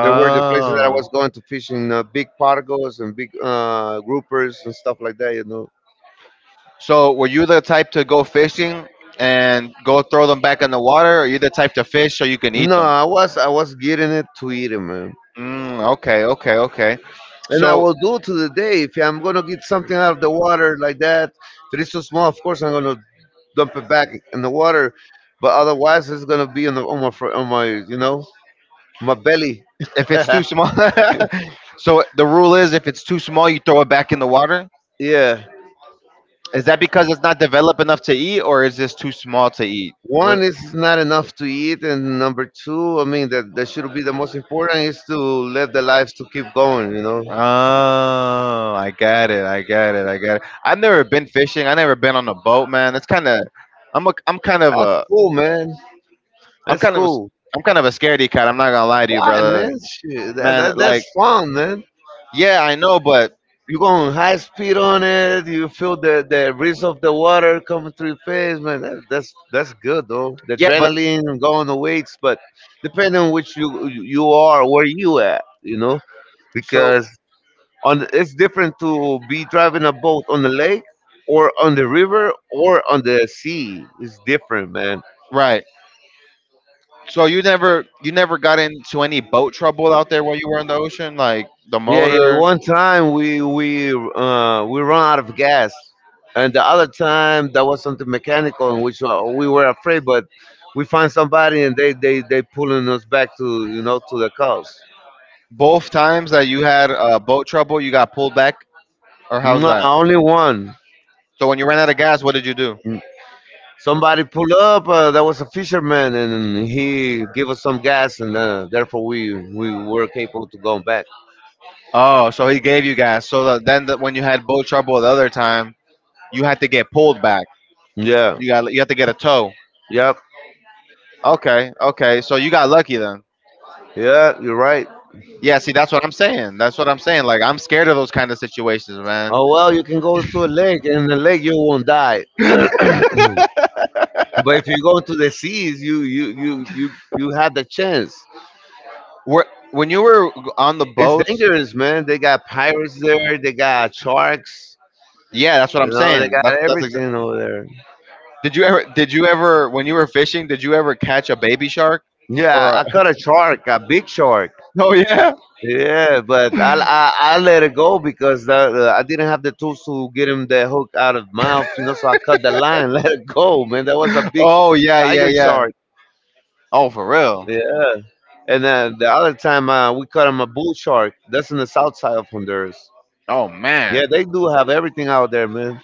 [SPEAKER 2] There were the places that I was going to fishing, big pargos and big groupers and stuff like that, you know.
[SPEAKER 1] So were you the type to go fishing and go throw them back in the water, or you the type to fish so you can eat
[SPEAKER 2] No,
[SPEAKER 1] them?
[SPEAKER 2] I was getting it to eat, it, man.
[SPEAKER 1] Mm, okay, okay, okay.
[SPEAKER 2] And I
[SPEAKER 1] So
[SPEAKER 2] will do to the day. If I'm gonna get something out of the water like that, if it's too small, of course I'm gonna dump it back in the water. But otherwise, it's gonna be on the on my fr- on my my belly.
[SPEAKER 1] if it's too small, so the rule is if it's too small, you throw it back in the water.
[SPEAKER 2] Yeah.
[SPEAKER 1] Is that because it's not developed enough to eat, or is this too small to eat?
[SPEAKER 2] One
[SPEAKER 1] What?
[SPEAKER 2] is not enough to eat, and number two, I mean that should be the most important is to live the lives to keep going. You know.
[SPEAKER 1] Oh, I got it. I got it. I got it. I've never been fishing. I never been on a boat, man. It's kind of. I'm kind of
[SPEAKER 2] That's
[SPEAKER 1] a.
[SPEAKER 2] cool, man.
[SPEAKER 1] I'm
[SPEAKER 2] That's
[SPEAKER 1] kind of. A,
[SPEAKER 2] cool.
[SPEAKER 1] I'm kind of a scaredy cat. I'm not gonna lie to you,
[SPEAKER 2] Why,
[SPEAKER 1] brother.
[SPEAKER 2] man? Shit,
[SPEAKER 1] Man, like,
[SPEAKER 2] that's fun, man.
[SPEAKER 1] yeah, I know, but
[SPEAKER 2] You go on high speed on it. You feel the breeze of the water coming through your face, man. That's good though. The
[SPEAKER 1] yeah, but
[SPEAKER 2] adrenaline going the weights, but depending on which you are, where you at, you know,
[SPEAKER 1] so
[SPEAKER 2] because on it's different to be driving a boat on the lake or on the river or on the sea. It's different, man.
[SPEAKER 1] right. So you never got into any boat trouble out there while you were in the ocean, like the
[SPEAKER 2] Yeah, yeah.
[SPEAKER 1] motor.
[SPEAKER 2] One time we run out of gas, and the other time that was something mechanical, in which we were afraid, but we find somebody and they pulling us back to you know to the coast.
[SPEAKER 1] Both times that you had boat trouble, you got pulled back, or how's
[SPEAKER 2] No,
[SPEAKER 1] that?
[SPEAKER 2] only one.
[SPEAKER 1] So when you ran out of gas, what did you do?
[SPEAKER 2] Mm, somebody pulled up. That was a fisherman, and he gave us some gas, and therefore we were capable to go back.
[SPEAKER 1] Oh, so he gave you gas. So that then that when you had boat trouble the other time, you had to get pulled back.
[SPEAKER 2] Yeah.
[SPEAKER 1] You had to get a tow.
[SPEAKER 2] Yep.
[SPEAKER 1] Okay, okay. So you got lucky then.
[SPEAKER 2] Yeah. You're right.
[SPEAKER 1] Yeah. See, that's what I'm saying. That's what I'm saying. Like I'm scared of those kind of situations, man.
[SPEAKER 2] Oh well, you can go to a lake, and in the lake you won't die. But if you go to the seas, you have the chance.
[SPEAKER 1] Were When you were on the
[SPEAKER 2] It's
[SPEAKER 1] boats.
[SPEAKER 2] dangerous, man. They got pirates there. They got sharks.
[SPEAKER 1] Yeah, that's what
[SPEAKER 2] You
[SPEAKER 1] I'm
[SPEAKER 2] know, they
[SPEAKER 1] saying.
[SPEAKER 2] got everything over there.
[SPEAKER 1] Did you ever? Did you ever? When you were fishing, did you ever catch a baby shark?
[SPEAKER 2] Yeah,
[SPEAKER 1] Or a,
[SPEAKER 2] I caught a shark, a big shark.
[SPEAKER 1] oh yeah,
[SPEAKER 2] Yeah, but I let it go because I didn't have the tools to get him the hook out of mouth, you know. So I cut the line, let it go, man. That was a big
[SPEAKER 1] oh yeah, yeah,
[SPEAKER 2] tiger
[SPEAKER 1] yeah.
[SPEAKER 2] shark.
[SPEAKER 1] Oh for real.
[SPEAKER 2] Yeah. And then the other time we caught him a bull shark. That's in the south side of Honduras.
[SPEAKER 1] Oh
[SPEAKER 2] Yeah,
[SPEAKER 1] man.
[SPEAKER 2] they do have everything out there, man.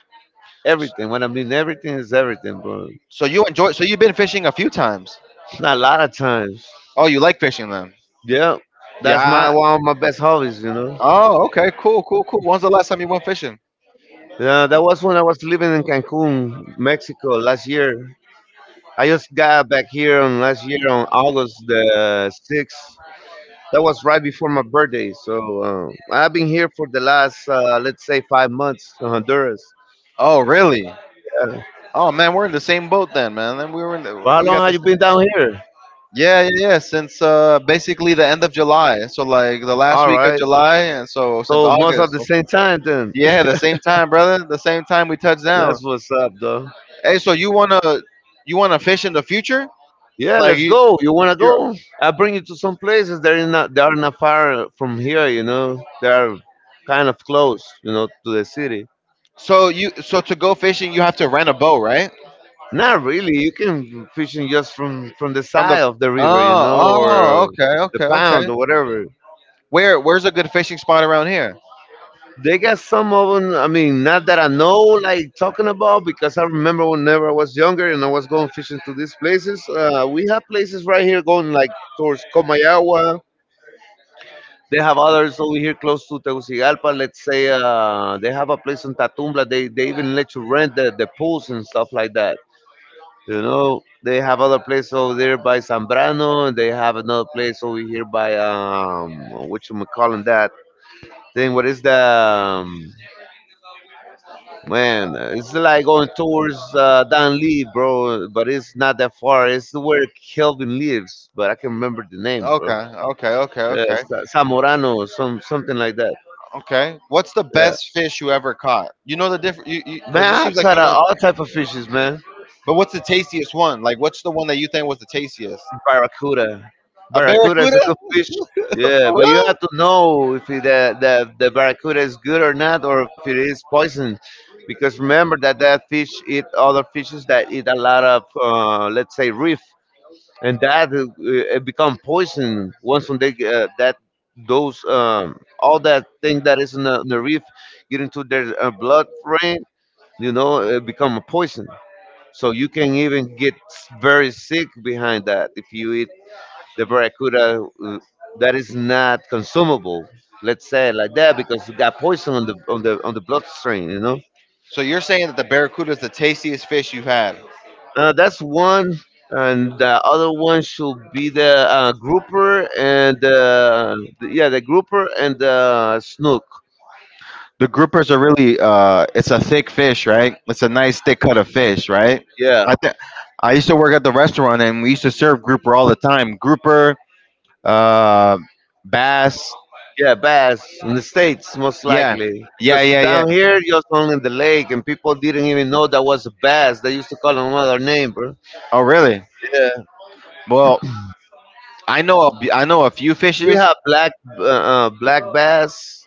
[SPEAKER 2] Everything. When I mean everything is everything, bro.
[SPEAKER 1] So you enjoy. So you've been fishing a few times.
[SPEAKER 2] Not a lot of times.
[SPEAKER 1] Oh, you like fishing then?
[SPEAKER 2] Yeah. That's my
[SPEAKER 1] Yeah.
[SPEAKER 2] one of my best hobbies, you know.
[SPEAKER 1] Oh, okay. Cool, cool, cool. When's the last time you went fishing?
[SPEAKER 2] Yeah, that was when I was living in Cancun, Mexico last year. I just got back here on last year on August the sixth. That was right before my birthday. So I've been here for the last, let's say, 5 months in Honduras.
[SPEAKER 1] Oh, really?
[SPEAKER 2] Yeah.
[SPEAKER 1] Oh man, we're in the same boat then, man. Then we were in the,
[SPEAKER 2] Well, how
[SPEAKER 1] we got
[SPEAKER 2] long
[SPEAKER 1] the
[SPEAKER 2] have you
[SPEAKER 1] same.
[SPEAKER 2] been down here?
[SPEAKER 1] Yeah, yeah, yeah. Since basically the end of July, so like the last
[SPEAKER 2] All
[SPEAKER 1] week of
[SPEAKER 2] right.
[SPEAKER 1] July, and so since
[SPEAKER 2] So most of
[SPEAKER 1] August.
[SPEAKER 2] the same time then.
[SPEAKER 1] Yeah, the same time, brother. The same time we touched down.
[SPEAKER 2] That's what's up, though.
[SPEAKER 1] Hey, so you wanna fish in the future?
[SPEAKER 2] Yeah,
[SPEAKER 1] Like
[SPEAKER 2] let's
[SPEAKER 1] you
[SPEAKER 2] go. You wanna
[SPEAKER 1] you're
[SPEAKER 2] go? I'll bring you to some places that are not far from here. You know, they are kind of close. You know, to the city.
[SPEAKER 1] so you so to go fishing you have to rent a boat, right?
[SPEAKER 2] Not really. You can fishing just from the
[SPEAKER 1] From the
[SPEAKER 2] side of the river. You
[SPEAKER 1] oh
[SPEAKER 2] know,
[SPEAKER 1] oh
[SPEAKER 2] or
[SPEAKER 1] okay
[SPEAKER 2] the
[SPEAKER 1] okay okay.
[SPEAKER 2] pound or whatever.
[SPEAKER 1] Where's a good fishing spot around here?
[SPEAKER 2] They got some of them. I mean, not that I know, like talking about, because I remember whenever I was younger and I was going fishing to these places. We have places right here going like towards Comayagua. They have others over here close to Tegucigalpa. Let's say they have a place in Tatumbla. They even let you rent the pools and stuff like that. You know, they have other place over there by Zambrano, and they have another place over here by what you calling that thing? What is the man? It's like going towards Dan Lee, bro. But it's not that far. It's where Kelvin lives, but I can remember the name, bro.
[SPEAKER 1] Okay okay okay
[SPEAKER 2] Yeah,
[SPEAKER 1] okay
[SPEAKER 2] Zamorano, something like that.
[SPEAKER 1] okay. What's the
[SPEAKER 2] Yeah.
[SPEAKER 1] best fish you ever caught? You know the different you because you, 'cause
[SPEAKER 2] Man,
[SPEAKER 1] you
[SPEAKER 2] I
[SPEAKER 1] seems like
[SPEAKER 2] cut
[SPEAKER 1] you
[SPEAKER 2] out
[SPEAKER 1] know.
[SPEAKER 2] all type of fishes, man.
[SPEAKER 1] But what's the tastiest one? Like what's the one that you think was the tastiest?
[SPEAKER 2] Barracuda.
[SPEAKER 1] A
[SPEAKER 2] Barracuda is a
[SPEAKER 1] barracuda,
[SPEAKER 2] good fish.
[SPEAKER 1] for
[SPEAKER 2] Yeah, but you
[SPEAKER 1] real?
[SPEAKER 2] have to know if it, the barracuda is good or not, or if it is poison, because remember that that fish eat other fishes that eat a lot of, let's say, reef, and that it become poison once when they that those all that thing that is in in the reef get into their blood brain, you know, it become a poison. So you can even get very sick behind that if you eat the barracuda that is not consumable. Let's say it like that because it got poison on the on the on the bloodstream. You know,
[SPEAKER 1] So you're saying that the barracuda is the tastiest fish you've had?
[SPEAKER 2] that's one, and the other one should be the grouper and yeah, the grouper and the snook.
[SPEAKER 1] The groupers are really it's a thick fish, right? It's a nice thick cut of fish, right?
[SPEAKER 2] Yeah,
[SPEAKER 1] I think I used to work at the restaurant and we used to serve grouper all the time. Grouper, uh, bass.
[SPEAKER 2] yeah, bass in the states most
[SPEAKER 1] Yeah,
[SPEAKER 2] likely.
[SPEAKER 1] yeah,
[SPEAKER 2] Because
[SPEAKER 1] yeah, yeah.
[SPEAKER 2] down here, just only in the lake, and people didn't even know that was a bass. They used to call them another name, bro.
[SPEAKER 1] Oh, really?
[SPEAKER 2] Yeah,
[SPEAKER 1] Well, I know a few
[SPEAKER 2] we
[SPEAKER 1] fishes.
[SPEAKER 2] have black black bass,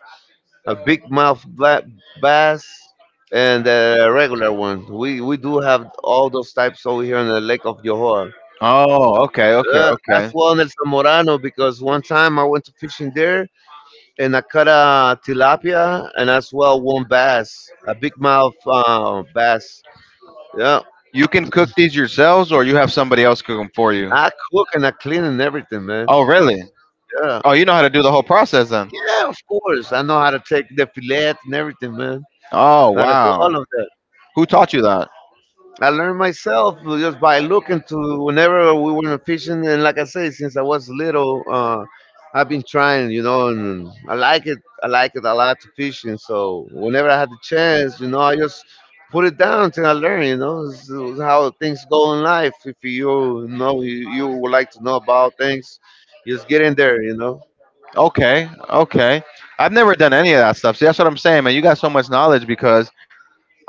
[SPEAKER 2] a big mouth black bass, and a regular one. We do have all those types over here in the Lake of Johor.
[SPEAKER 1] Oh, okay, okay,
[SPEAKER 2] As
[SPEAKER 1] okay.
[SPEAKER 2] well in El Zamorano because one time I went to fishing there and I caught a tilapia and as well one bass, a big mouth bass. Yeah,
[SPEAKER 1] You can cook these yourselves, or you have somebody else cook them for you.
[SPEAKER 2] I cook and I clean and everything, man.
[SPEAKER 1] Oh, really?
[SPEAKER 2] Yeah.
[SPEAKER 1] Oh, you know how to do the whole process then.
[SPEAKER 2] Yeah, of course. I know how to take the fillet and everything, man.
[SPEAKER 1] Oh,
[SPEAKER 2] Gotta do
[SPEAKER 1] wow.
[SPEAKER 2] all of that.
[SPEAKER 1] Who taught you that?
[SPEAKER 2] I learned myself just by looking to whenever we were fishing, and like I say, since I was little, I've been trying, you know, and I like it. I like it a lot to fishing. So whenever I had the chance, you know, I just put it down until I learn. You know, this is how things go in life. If you know you would like to know about things, just get in there. You know,
[SPEAKER 1] Okay, okay. I've never done any of that stuff. See, that's what I'm saying, man. You got so much knowledge because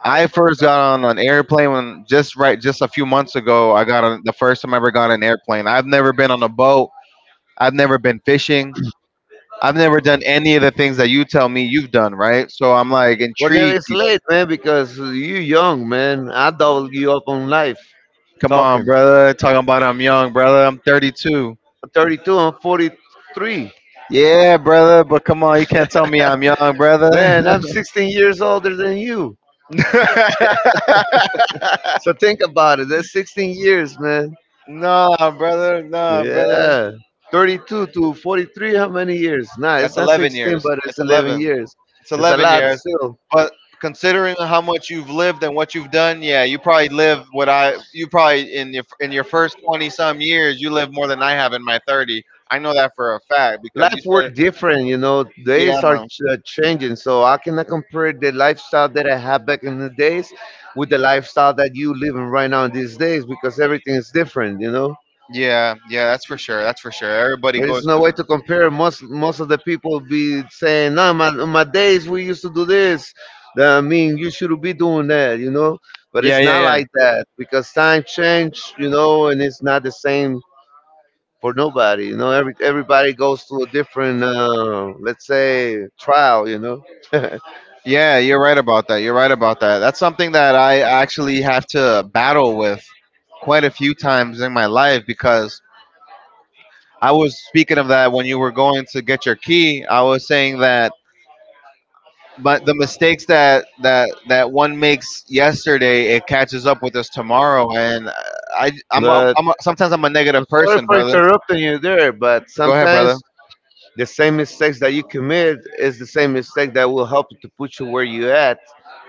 [SPEAKER 1] I first got on an airplane when just right just a few months ago. I got on the first time I ever got on an airplane. I've never been on a boat. I've never been fishing. I've never done any of the things that you tell me you've done, right? So I'm like
[SPEAKER 2] but never
[SPEAKER 1] intrigued.
[SPEAKER 2] it's late, man, because you young, man. I double you up on life
[SPEAKER 1] Come on,
[SPEAKER 2] talking.
[SPEAKER 1] brother. Talking about I'm young, brother. I'm 32.
[SPEAKER 2] 32, I'm 43.
[SPEAKER 1] Yeah, brother. But come on, you can't tell me I'm young, brother.
[SPEAKER 2] Man, I'm 16 years older than you. So think about it. That's 16 years, man.
[SPEAKER 1] Nah, brother. Nah, brother.
[SPEAKER 2] Yeah. 32 to 43, how many years? Nah, it's
[SPEAKER 1] That's
[SPEAKER 2] not
[SPEAKER 1] 11
[SPEAKER 2] 16,
[SPEAKER 1] years.
[SPEAKER 2] but it's
[SPEAKER 1] It's
[SPEAKER 2] 11
[SPEAKER 1] 11.
[SPEAKER 2] years.
[SPEAKER 1] It's
[SPEAKER 2] It's a
[SPEAKER 1] 11
[SPEAKER 2] lot
[SPEAKER 1] years.
[SPEAKER 2] still.
[SPEAKER 1] But considering how much you've lived and what you've done, yeah, you probably live what I you probably in your first 20 some years, you live more than I have in my 30. I know that for a fact because you
[SPEAKER 2] Life were
[SPEAKER 1] said,
[SPEAKER 2] different, you know.
[SPEAKER 1] yeah,
[SPEAKER 2] Days are
[SPEAKER 1] mom.
[SPEAKER 2] changing, so I cannot compare the lifestyle that I had back in the days with the lifestyle that you living right now in these days because everything is different, you know.
[SPEAKER 1] Yeah, yeah, that's for sure. That's for sure. Everybody
[SPEAKER 2] There is
[SPEAKER 1] goes
[SPEAKER 2] no
[SPEAKER 1] through
[SPEAKER 2] way
[SPEAKER 1] it.
[SPEAKER 2] to compare. Most of the people be saying, "No, my on my days we used to do this." That, I mean, you should be doing that, you know. But
[SPEAKER 1] yeah,
[SPEAKER 2] it's
[SPEAKER 1] yeah,
[SPEAKER 2] not
[SPEAKER 1] yeah.
[SPEAKER 2] like that because time change, you know, and it's not the same for nobody, you know. Everybody goes through a different, let's say, trial, you know.
[SPEAKER 1] yeah You're right about that. You're right about that. That's something that I actually have to battle with quite a few times in my life because I was speaking of that when you were going to get your key. I was saying that but the mistakes that that one makes yesterday, it catches up with us tomorrow. And I,
[SPEAKER 2] But
[SPEAKER 1] I'm a, sometimes I'm a negative
[SPEAKER 2] sorry
[SPEAKER 1] person,
[SPEAKER 2] for
[SPEAKER 1] brother.
[SPEAKER 2] interrupting you there, but
[SPEAKER 1] Go ahead, brother.
[SPEAKER 2] sometimes the same mistakes that you commit is the same mistake that will help to put you where you at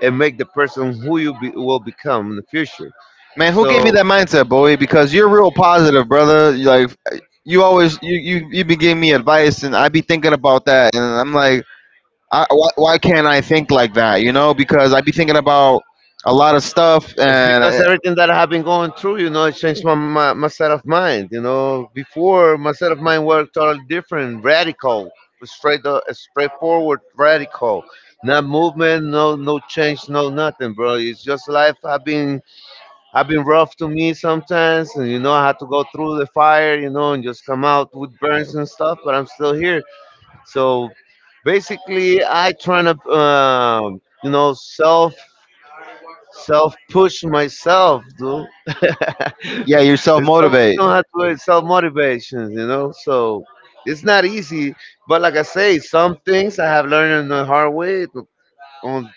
[SPEAKER 2] and make the person who you be, will become in the future.
[SPEAKER 1] Man, who gave you
[SPEAKER 2] So
[SPEAKER 1] that mindset, boy? Because you're real positive, brother. You Like you always, you be giving me advice, and I be thinking about that, and I'm like, why can't I think like that? You know, because I be thinking about a lot of stuff,
[SPEAKER 2] it's
[SPEAKER 1] and
[SPEAKER 2] because everything that I have been going through, you know, it changed my set of mind. You know, before my set of mind were totally different, radical, straight, straightforward, radical. No movement, no change, no nothing, bro. It's just life. I've been Have been rough to me sometimes, and you know, I had to go through the fire, you know, and just come out with burns and stuff, but I'm still here. So basically, I trying to you know, self self push myself, dude. It's
[SPEAKER 1] yeah, you self motivate.
[SPEAKER 2] some have to do self motivations, you know. So it's not easy, but like I say, some things I have learned in the hard way on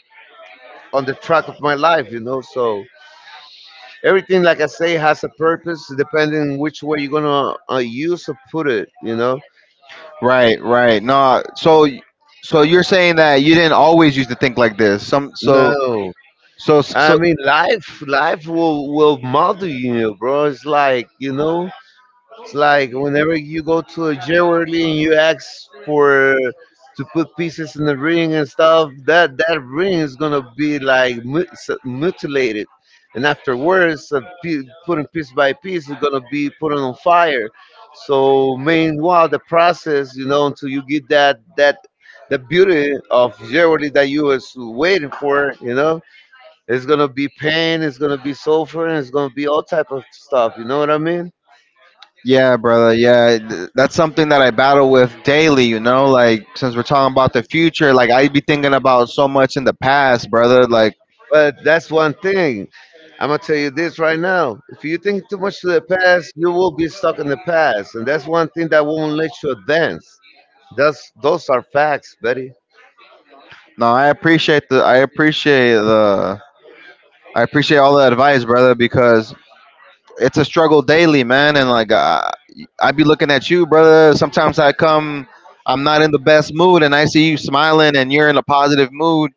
[SPEAKER 2] on the track of my life, you know. So everything, like I say, has a purpose depending which way you're gonna use or put it, you know.
[SPEAKER 1] Right, right. No, so you're saying that you didn't always used to think like this. Some so
[SPEAKER 2] No,
[SPEAKER 1] so
[SPEAKER 2] I
[SPEAKER 1] so
[SPEAKER 2] mean, life will model you, bro. It's like, you know, it's like whenever you go to a jewelry and you ask for to put pieces in the ring and stuff, that that ring is gonna be like mutilated, and afterwards, putting piece by piece is gonna be put on fire. So meanwhile, the process, you know, until you get that the beauty of jewelry that you was waiting for, you know, it's gonna be pain, it's gonna be sulfur, and it's gonna be all type of stuff. You know what I mean?
[SPEAKER 1] yeah, brother. Yeah, that's something that I battle with daily, you know? Like since we're talking about the future, like I'd be thinking about so much in the past, brother. Like
[SPEAKER 2] But that's one thing. I'm gonna tell you this right now. If you think too much to the past, you will be stuck in the past, and that's one thing that won't let you advance. That's those are facts, buddy.
[SPEAKER 1] no, I appreciate all the advice, brother, because it's a struggle daily, man. And like, I be looking at you, brother. Sometimes I come, I'm not in the best mood, and I see you smiling and you're in a positive mood.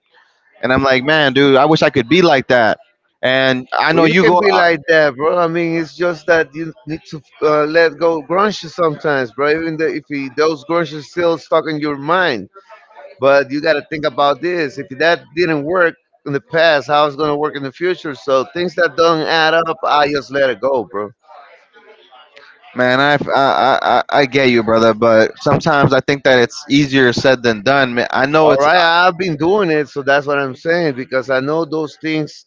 [SPEAKER 1] And I'm like, man, dude, I wish I could be like that. And I know
[SPEAKER 2] Well, you
[SPEAKER 1] you
[SPEAKER 2] can
[SPEAKER 1] go,
[SPEAKER 2] be like that, bro. I mean, it's just that you need to let go grunge sometimes, bro. Even the, if he, those grunge is still stuck in your mind, but you got to think about this. If that didn't work in the past, how it's gonna work in the future? So things that don't add up, I just let it go, bro.
[SPEAKER 1] man. I get you, brother. But sometimes I think that it's easier said than done. Man, I know
[SPEAKER 2] All
[SPEAKER 1] it's
[SPEAKER 2] right, I've been doing it, so that's what I'm saying because I know those things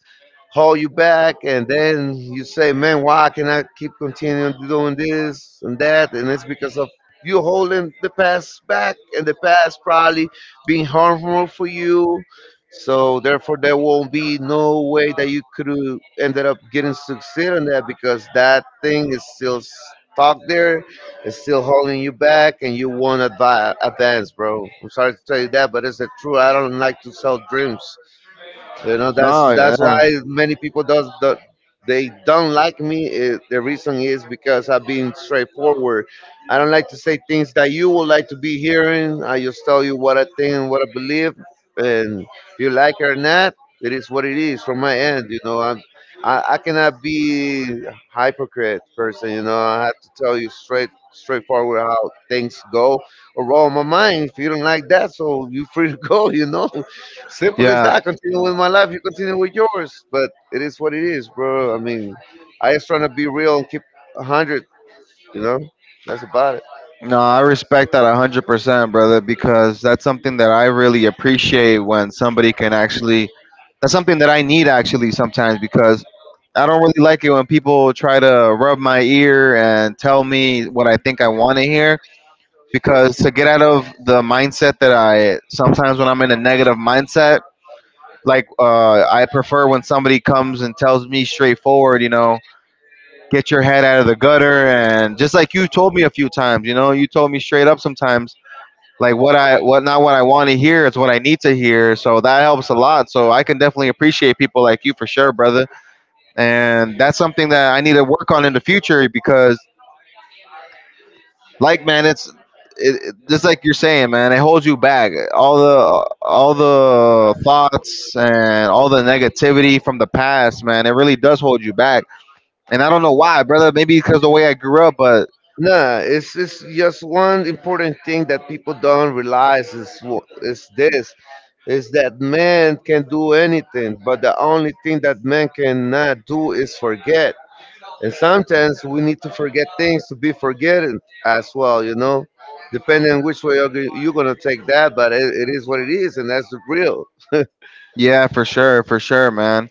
[SPEAKER 2] hold you back, and then you say, "Man, why can I keep continuing doing this and that?" And it's because of you holding the past back, and the past probably being harmful for you. So therefore, there won't be no way that you could ended up getting succeed on that because that thing is still stuck there, it's still holding you back, and you won't advance, bro. I'm sorry to tell you that, but it's the truth. I don't like to sell dreams. You know, that's
[SPEAKER 1] no,
[SPEAKER 2] that's why
[SPEAKER 1] yeah,
[SPEAKER 2] many people does the, they don't like me. The reason is because I've been straightforward. I don't like to say things that you would like to be hearing. I just tell you what I think and what I believe, and if you like it or not, it is what it is from my end. You know, I'm I cannot be hypocrite person. You know, I have to tell you straightforward how things go or roll my mind. If you don't like that, so you free to go. You know. Simple as
[SPEAKER 1] yeah.
[SPEAKER 2] that. Continue with my life, you continue with yours. But it is what it is, bro. I mean, I just trying to be real and keep a hundred. You know, that's about it.
[SPEAKER 1] No, I respect that 100%, brother, because that's something that I really appreciate when somebody can actually. That's something that I need actually sometimes because I don't really like it when people try to rub my ear and tell me what I think I want to hear. Because to get out of the mindset that I sometimes when I'm in a negative mindset, like I prefer when somebody comes and tells me straightforward, you know, get your head out of the gutter. And just like you told me a few times, you know, you told me straight up sometimes like what I what not what I want to hear is what I need to hear. So that helps a lot. So I can definitely appreciate people like you for sure, brother. And that's something that I need to work on in the future because, like, man, just like you're saying, man. It holds you back. All the thoughts and all the negativity from the past, man. It really does hold you back. And I don't know why, brother. Maybe because the way I grew up, but
[SPEAKER 2] Nah, it's just one important thing that people don't realize is this is that man can do anything, but the only thing that man cannot do is forget. And sometimes we need to forget things to be forgetting as well, you know, depending on which way you're going to take that. But it is what it is, and that's the real.
[SPEAKER 1] yeah, for sure, man.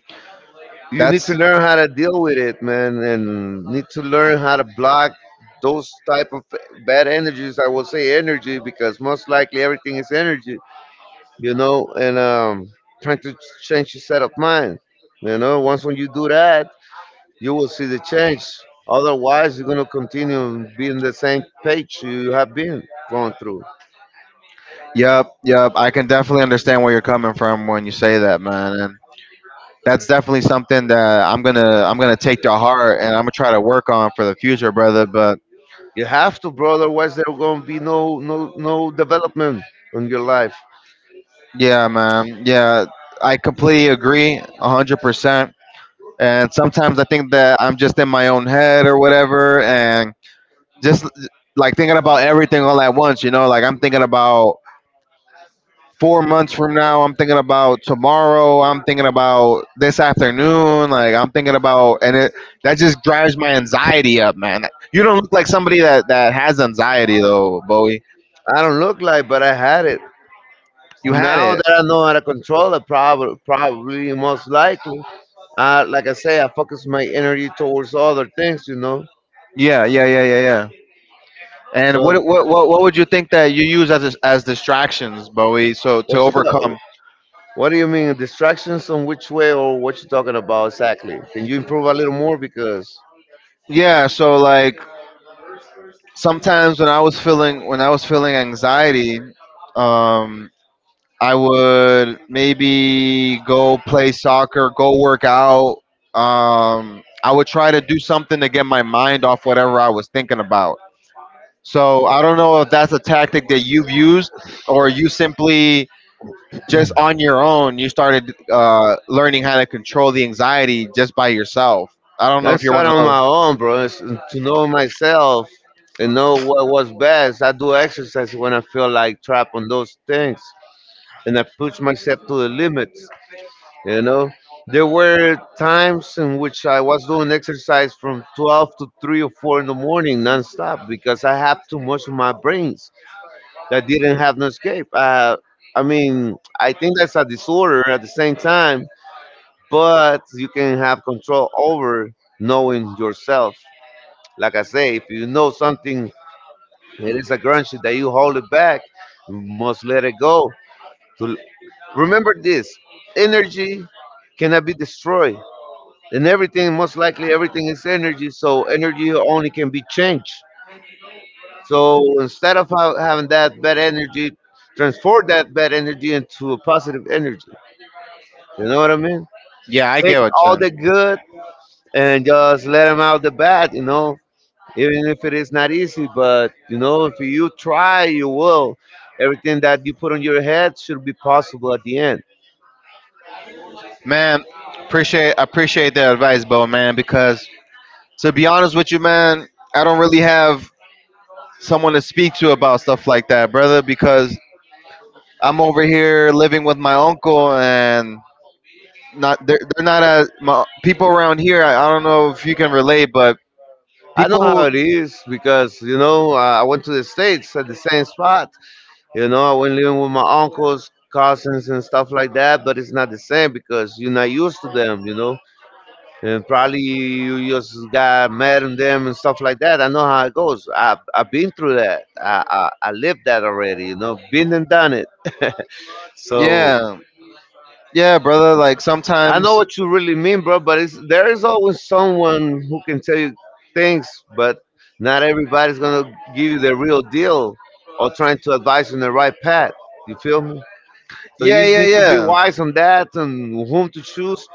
[SPEAKER 2] You need
[SPEAKER 1] That's.
[SPEAKER 2] to learn how to deal with it, man, and need to learn how to block those type of bad energies. I will say energy because most likely everything is energy, you know, and trying to change your set of mind. You know, once when you do that, you will see the change. Otherwise, you're going to continue being the same page you have been going through.
[SPEAKER 1] Yep, yep. I can definitely understand where you're coming from when you say that, man. And that's definitely something that I'm gonna take to heart and I'm gonna try to work on for the future, brother. But
[SPEAKER 2] You have to, brother. Otherwise, there going to be no development in your life.
[SPEAKER 1] yeah, man, yeah, I completely agree, 100%. And sometimes I think that I'm just in my own head or whatever, and just like thinking about everything all at once. You know, like I'm thinking about 4 months from now, I'm thinking about tomorrow. I'm thinking about this afternoon. Like I'm thinking about, and it that just drives my anxiety up, man. You don't look like somebody that has anxiety though, Bowie.
[SPEAKER 2] I don't look like, but I had it.
[SPEAKER 1] You had
[SPEAKER 2] Now
[SPEAKER 1] it.
[SPEAKER 2] that I know how to control it, probably most likely, like I say, I focus my energy towards other things, you know.
[SPEAKER 1] Yeah. And
[SPEAKER 2] So,
[SPEAKER 1] what would you think that you use as distractions, Bowie? So to
[SPEAKER 2] what you thought?
[SPEAKER 1] overcome.
[SPEAKER 2] What do you mean distractions on which way or what you talking about exactly? Can you improve a little more because
[SPEAKER 1] Yeah. So like sometimes when I was feeling anxiety, um, I would maybe go play soccer, go work out. I would try to do something to get my mind off whatever I was thinking about. So I don't know if that's a tactic that you've used or you simply just on your own, you started learning how to control the anxiety just by yourself. I don't know
[SPEAKER 2] I
[SPEAKER 1] if you're one
[SPEAKER 2] started
[SPEAKER 1] of
[SPEAKER 2] on
[SPEAKER 1] those.
[SPEAKER 2] my own, bro. It's to know myself and know what was best. I do exercise when I feel like trapped on those things, and I push myself to the limits. You know, there were times in which I was doing exercise from 12 to 3 or 4 in the morning nonstop because I have too much of my brains that didn't have no escape. I mean, I think that's a disorder at the same time, but you can have control over knowing yourself. Like I say, if you know something, it is a grudge that you hold it back, you must let it go. To remember this, energy cannot be destroyed, and everything, most likely everything is energy. So energy only can be changed. So instead of having that bad energy, transform that bad energy into a positive energy. You know what I mean?
[SPEAKER 1] Yeah, I
[SPEAKER 2] Take
[SPEAKER 1] get what
[SPEAKER 2] all
[SPEAKER 1] you're
[SPEAKER 2] the good and just let them out the bad, you know, even if it is not easy. But, you know, if you try, you will. Everything that you put on your head should be possible at the end.
[SPEAKER 1] man, appreciate the advice, Bo, man, because to be honest with you, man, I don't really have someone to speak to about stuff like that, brother. Because I'm over here living with my uncle, and not they're not as my, people around here. I don't know if you can relate, but
[SPEAKER 2] I know
[SPEAKER 1] people
[SPEAKER 2] how
[SPEAKER 1] who,
[SPEAKER 2] it is because, you know, I went to the States at the same spot. You know, I went living with my uncles, cousins, and stuff like that, but it's not the same because you're not used to them, you know. And probably you just got mad at them and stuff like that. I know how it goes. I've been through that. I lived that already, you know, been and done it. So
[SPEAKER 1] yeah, yeah, brother. Like
[SPEAKER 2] I
[SPEAKER 1] sometimes,
[SPEAKER 2] know what you really mean, bro, but it's, there is always someone who can tell you things, but not everybody's going to give you the real deal or trying to advise you on the right path. You feel me? So
[SPEAKER 1] yeah,
[SPEAKER 2] you
[SPEAKER 1] yeah,
[SPEAKER 2] need to be
[SPEAKER 1] yeah,
[SPEAKER 2] wise on that and whom to choose,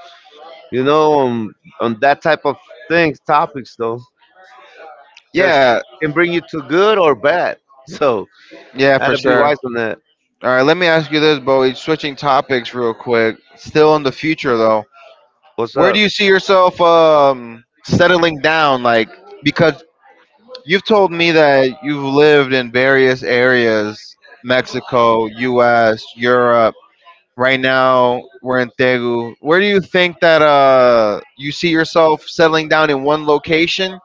[SPEAKER 2] you know, on that type of things, topics though, because
[SPEAKER 1] yeah,
[SPEAKER 2] it can bring you to good or bad. So
[SPEAKER 1] yeah, for
[SPEAKER 2] gotta be
[SPEAKER 1] sure.
[SPEAKER 2] wise on that.
[SPEAKER 1] All right, let me ask you this, Bowie. Switching topics real quick. Still in the future though,
[SPEAKER 2] What's
[SPEAKER 1] where do
[SPEAKER 2] up?
[SPEAKER 1] you see yourself settling down? Like because you've told me that you've lived in various areas, Mexico, US, Europe. Right now, we're in Tegu. Where do you think that you see yourself settling down in one location?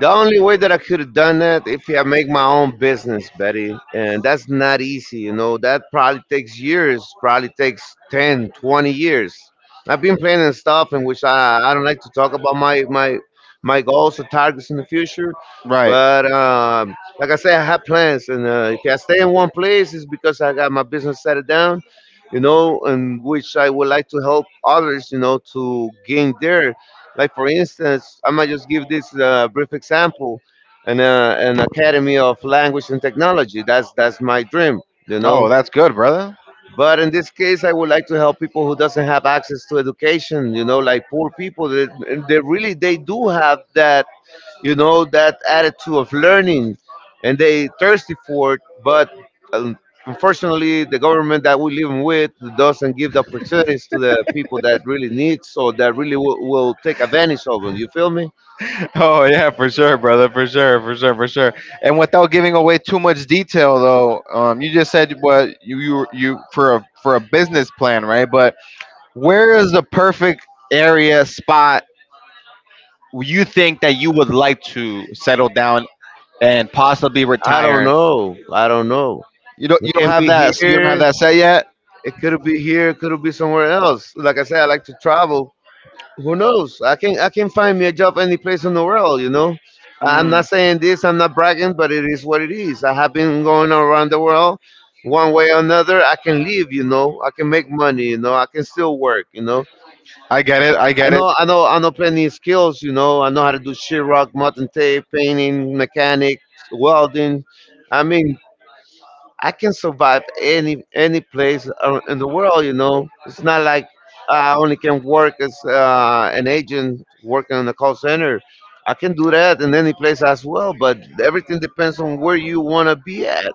[SPEAKER 2] The only way that I could have done that if I make my own business, Betty, and that's not easy, you know. That probably takes years, probably takes 10, 20 years. I've been planning stuff in which I don't like to talk about my goals or targets in the future,
[SPEAKER 1] Right.
[SPEAKER 2] but like I say, I have plans, and if I stay in one place, it's because I got my business settled down, you know, in which I would like to help others, you know, to gain their like for instance, I might just give this brief example: an academy of language and technology. That's my dream. You know,
[SPEAKER 1] Oh, that's good, brother.
[SPEAKER 2] but in this case, I would like to help people who doesn't have access to education. You know, like poor people. They really they do have that, you know, that attitude of learning, and they thirsty for it. But um, unfortunately, the government that we live with doesn't give the opportunities to the people that really needs or that really will take advantage of them. You feel me?
[SPEAKER 1] Oh, yeah, for sure, brother. For sure. And without giving away too much detail, though, you just said what for a business plan, right? But where is the perfect area, spot, you think that you would like to settle down and possibly
[SPEAKER 2] I don't
[SPEAKER 1] retire.
[SPEAKER 2] know. I don't know. It
[SPEAKER 1] You don't
[SPEAKER 2] can
[SPEAKER 1] have
[SPEAKER 2] be
[SPEAKER 1] that you don't have
[SPEAKER 2] here.
[SPEAKER 1] that set yet?
[SPEAKER 2] It could be here. It could be somewhere else. Like I said, I like to travel. Who knows? I can find me a job any place in the world. You know, I'm
[SPEAKER 1] Mm.
[SPEAKER 2] not saying this. I'm not bragging, but it is what it is. I have been going around the world, one way or another. I can live. You know, I can make money. You know, I can still work. You know,
[SPEAKER 1] I get it. I
[SPEAKER 2] I
[SPEAKER 1] get it.
[SPEAKER 2] know I know I know plenty of skills. You know, I know how to do sheetrock, mutton tape, painting, mechanic, welding. I mean, I can survive any place in the world. You know, it's not like I only can work as an agent working in a call center. I can do that in any place as well, but everything depends on where you want to be at.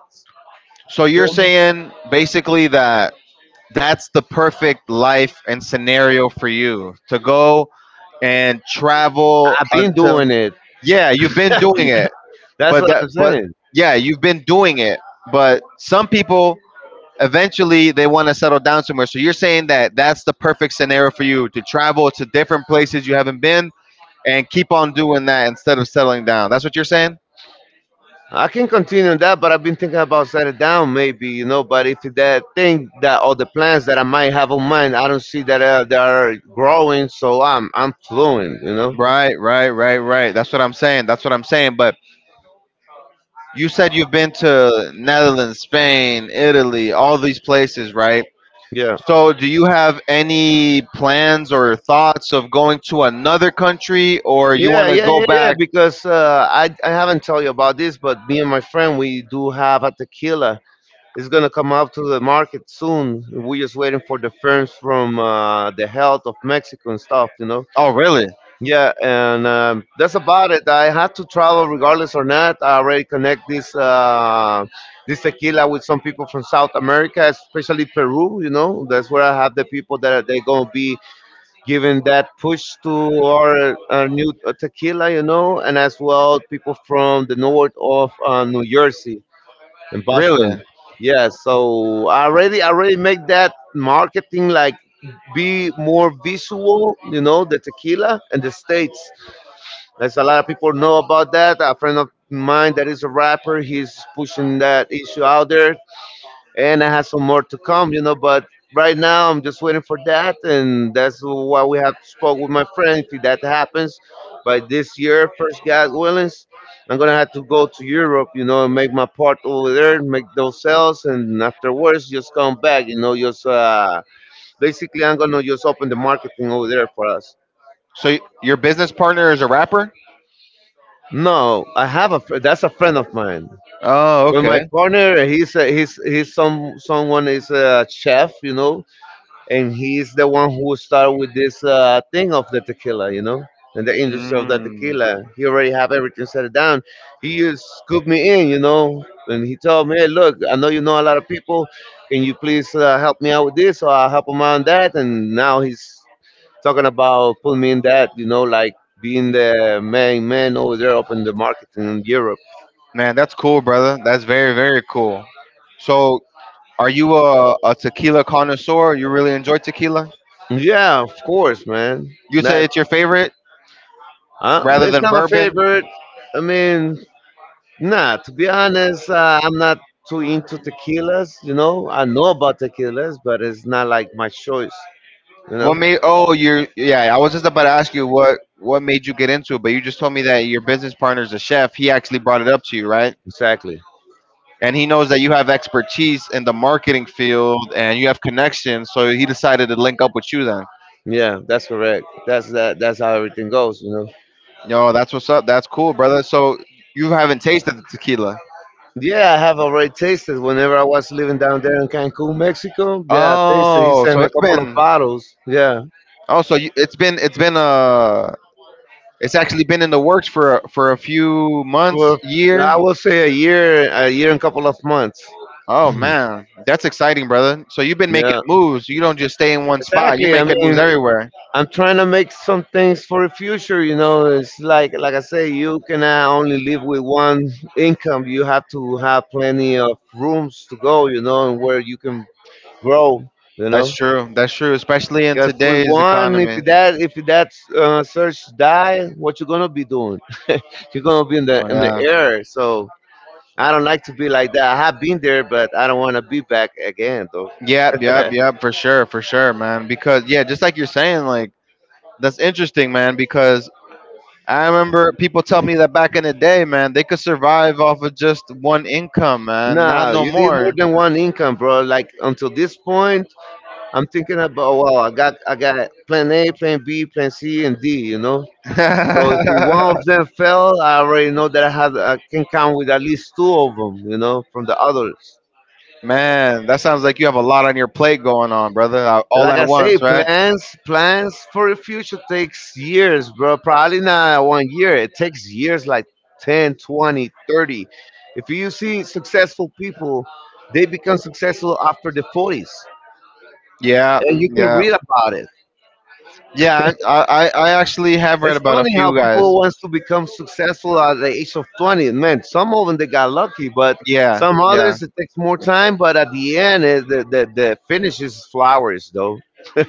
[SPEAKER 1] So
[SPEAKER 2] You
[SPEAKER 1] you're
[SPEAKER 2] feel me?
[SPEAKER 1] saying basically that that's the perfect life and scenario for you to go and travel
[SPEAKER 2] I've been
[SPEAKER 1] until
[SPEAKER 2] doing it.
[SPEAKER 1] yeah, you've been doing it.
[SPEAKER 2] That's
[SPEAKER 1] But
[SPEAKER 2] what
[SPEAKER 1] that
[SPEAKER 2] I'm
[SPEAKER 1] but
[SPEAKER 2] saying.
[SPEAKER 1] yeah, you've been doing it. But some people eventually they want to settle down somewhere. So you're saying that that's the perfect scenario for you to travel to different places you haven't been and keep on doing that instead of settling down. That's what you're saying?
[SPEAKER 2] I can continue on that, but I've been thinking about setting down, maybe. But if that thing that all the plans that I might have on mind, I don't see that they are growing, so I'm fluent.
[SPEAKER 1] Right. That's what I'm saying. That's what I'm saying. But you said you've been to Netherlands, Spain, Italy, all these places, right?
[SPEAKER 2] Yeah.
[SPEAKER 1] So do you have any plans or thoughts of going to another country or you
[SPEAKER 2] Yeah,
[SPEAKER 1] want to
[SPEAKER 2] yeah,
[SPEAKER 1] go
[SPEAKER 2] yeah, yeah.
[SPEAKER 1] back?
[SPEAKER 2] Because I haven't told you about this, but me and my friend we do have a tequila. It's gonna come out to the market soon. We're just waiting for the firms from the health of Mexico and stuff.
[SPEAKER 1] Oh, really?
[SPEAKER 2] Yeah, and that's about it. I have to travel regardless or not. I already connect this tequila with some people from South America, especially Peru. You know, that's where I have the people they gonna be giving that push to our new tequila, and as well people from the north of New Jersey and
[SPEAKER 1] Really?
[SPEAKER 2] Boston. Yeah, so I already make that marketing like be more visual, the tequila and the states. There's a lot of people know about that. A friend of mine that is a rapper, he's pushing that issue out there and I have some more to come. But right now, I'm just waiting for that, and that's why we have spoke with my friend. If that happens by this year, first God willing, I'm gonna have to go to Europe, and make my part over there, make those sales, and afterwards just come back. Just basically, I'm gonna just open the marketing over there for us.
[SPEAKER 1] So your business partner is a rapper?
[SPEAKER 2] No, I have that's a friend of mine.
[SPEAKER 1] Oh,
[SPEAKER 2] But my
[SPEAKER 1] okay.
[SPEAKER 2] partner, he's someone is a chef, and he's the one who started with this thing of the tequila, and the industry of the
[SPEAKER 1] Mm.
[SPEAKER 2] tequila. He already have everything set down. He just scooped me in, and he told me, "Hey, look, I know you know a lot of people. Can you please help me out with this?" So I help him out on that, and now he's talking about putting me in that, like being the main man over there up in the market in Europe.
[SPEAKER 1] Man, that's cool, brother. That's very, very cool. So, are you a tequila connoisseur? You really enjoy tequila?
[SPEAKER 2] Yeah, of course, man.
[SPEAKER 1] You say
[SPEAKER 2] That
[SPEAKER 1] it's your favorite rather
[SPEAKER 2] it's
[SPEAKER 1] than
[SPEAKER 2] not my
[SPEAKER 1] bourbon?
[SPEAKER 2] favorite. I mean, nah, to be honest, I'm not too into tequilas. You know, I know about tequilas, but it's not like my choice. You know,
[SPEAKER 1] What made? Oh, you're. Yeah, I was just about to ask you what made you get into it, but you just told me that your business partner's a chef. He actually brought it up to you, right?
[SPEAKER 2] exactly.
[SPEAKER 1] And he knows that you have expertise in the marketing field and you have connections, so he decided to link up with you then.
[SPEAKER 2] Yeah, that's correct. That's that. That's how everything goes. You know.
[SPEAKER 1] Yo, that's what's up. That's cool, brother. So you haven't tasted the tequila.
[SPEAKER 2] Yeah, I have already tasted. Whenever I was living down there in Cancun, Mexico, yeah, I tasted. He
[SPEAKER 1] Oh,
[SPEAKER 2] sent
[SPEAKER 1] so
[SPEAKER 2] me a
[SPEAKER 1] it's
[SPEAKER 2] couple of
[SPEAKER 1] been.
[SPEAKER 2] bottles. Yeah,
[SPEAKER 1] Oh, so you, it's been. It's been. Uh, it's actually been in the works for for a few months,
[SPEAKER 2] for
[SPEAKER 1] year.
[SPEAKER 2] I will say a year and couple of months.
[SPEAKER 1] Oh man, that's exciting, brother. So you've been making
[SPEAKER 2] Yeah,
[SPEAKER 1] moves. You don't just stay in one spot. You're
[SPEAKER 2] exactly. I
[SPEAKER 1] making moves
[SPEAKER 2] mean,
[SPEAKER 1] everywhere.
[SPEAKER 2] I'm trying to make some things for the future. You know, it's like I say, you cannot only live with one income. You have to have plenty of rooms to go. You know, and where you can grow. You
[SPEAKER 1] That's
[SPEAKER 2] know,
[SPEAKER 1] true. That's true, especially in
[SPEAKER 2] because with
[SPEAKER 1] today's
[SPEAKER 2] one, if
[SPEAKER 1] economy.
[SPEAKER 2] that if that search die, what you gonna be doing? You're gonna be in the
[SPEAKER 1] Oh
[SPEAKER 2] in the
[SPEAKER 1] yeah.
[SPEAKER 2] air. So I don't like to be like that. I have been there, but I don't want to be back again, though.
[SPEAKER 1] Yep, yep, yep, for sure, man. Because yeah, just like you're saying, that's interesting, man, because I remember people tell me that back in the day, man, they could survive off of just one income, man. Not
[SPEAKER 2] No,
[SPEAKER 1] no
[SPEAKER 2] you need more
[SPEAKER 1] more.
[SPEAKER 2] than one income, bro. Like until this point, I'm thinking about oh, wow, I got plan A, plan B, plan C, and D. You know, so if it- one of them fell, I already know that I can count with at least two of them. You know, from the others.
[SPEAKER 1] Man, that sounds like you have a lot on your plate going on, brother. All
[SPEAKER 2] Like I
[SPEAKER 1] at
[SPEAKER 2] say,
[SPEAKER 1] once, right?
[SPEAKER 2] plans for the future takes years, bro. Probably not one year. It takes years, like 10, 20, 30. If you see successful people, they become successful after the 40s,
[SPEAKER 1] Yeah,
[SPEAKER 2] and you can
[SPEAKER 1] yeah.
[SPEAKER 2] read about it.
[SPEAKER 1] Yeah, I actually have read
[SPEAKER 2] It's
[SPEAKER 1] about a
[SPEAKER 2] funny how
[SPEAKER 1] few guys.
[SPEAKER 2] people wants to become successful at the age of 20. Man, some of them they got lucky, but
[SPEAKER 1] Yeah,
[SPEAKER 2] some
[SPEAKER 1] yeah,
[SPEAKER 2] others it takes more time. But at the end, the finish is flowers, though. I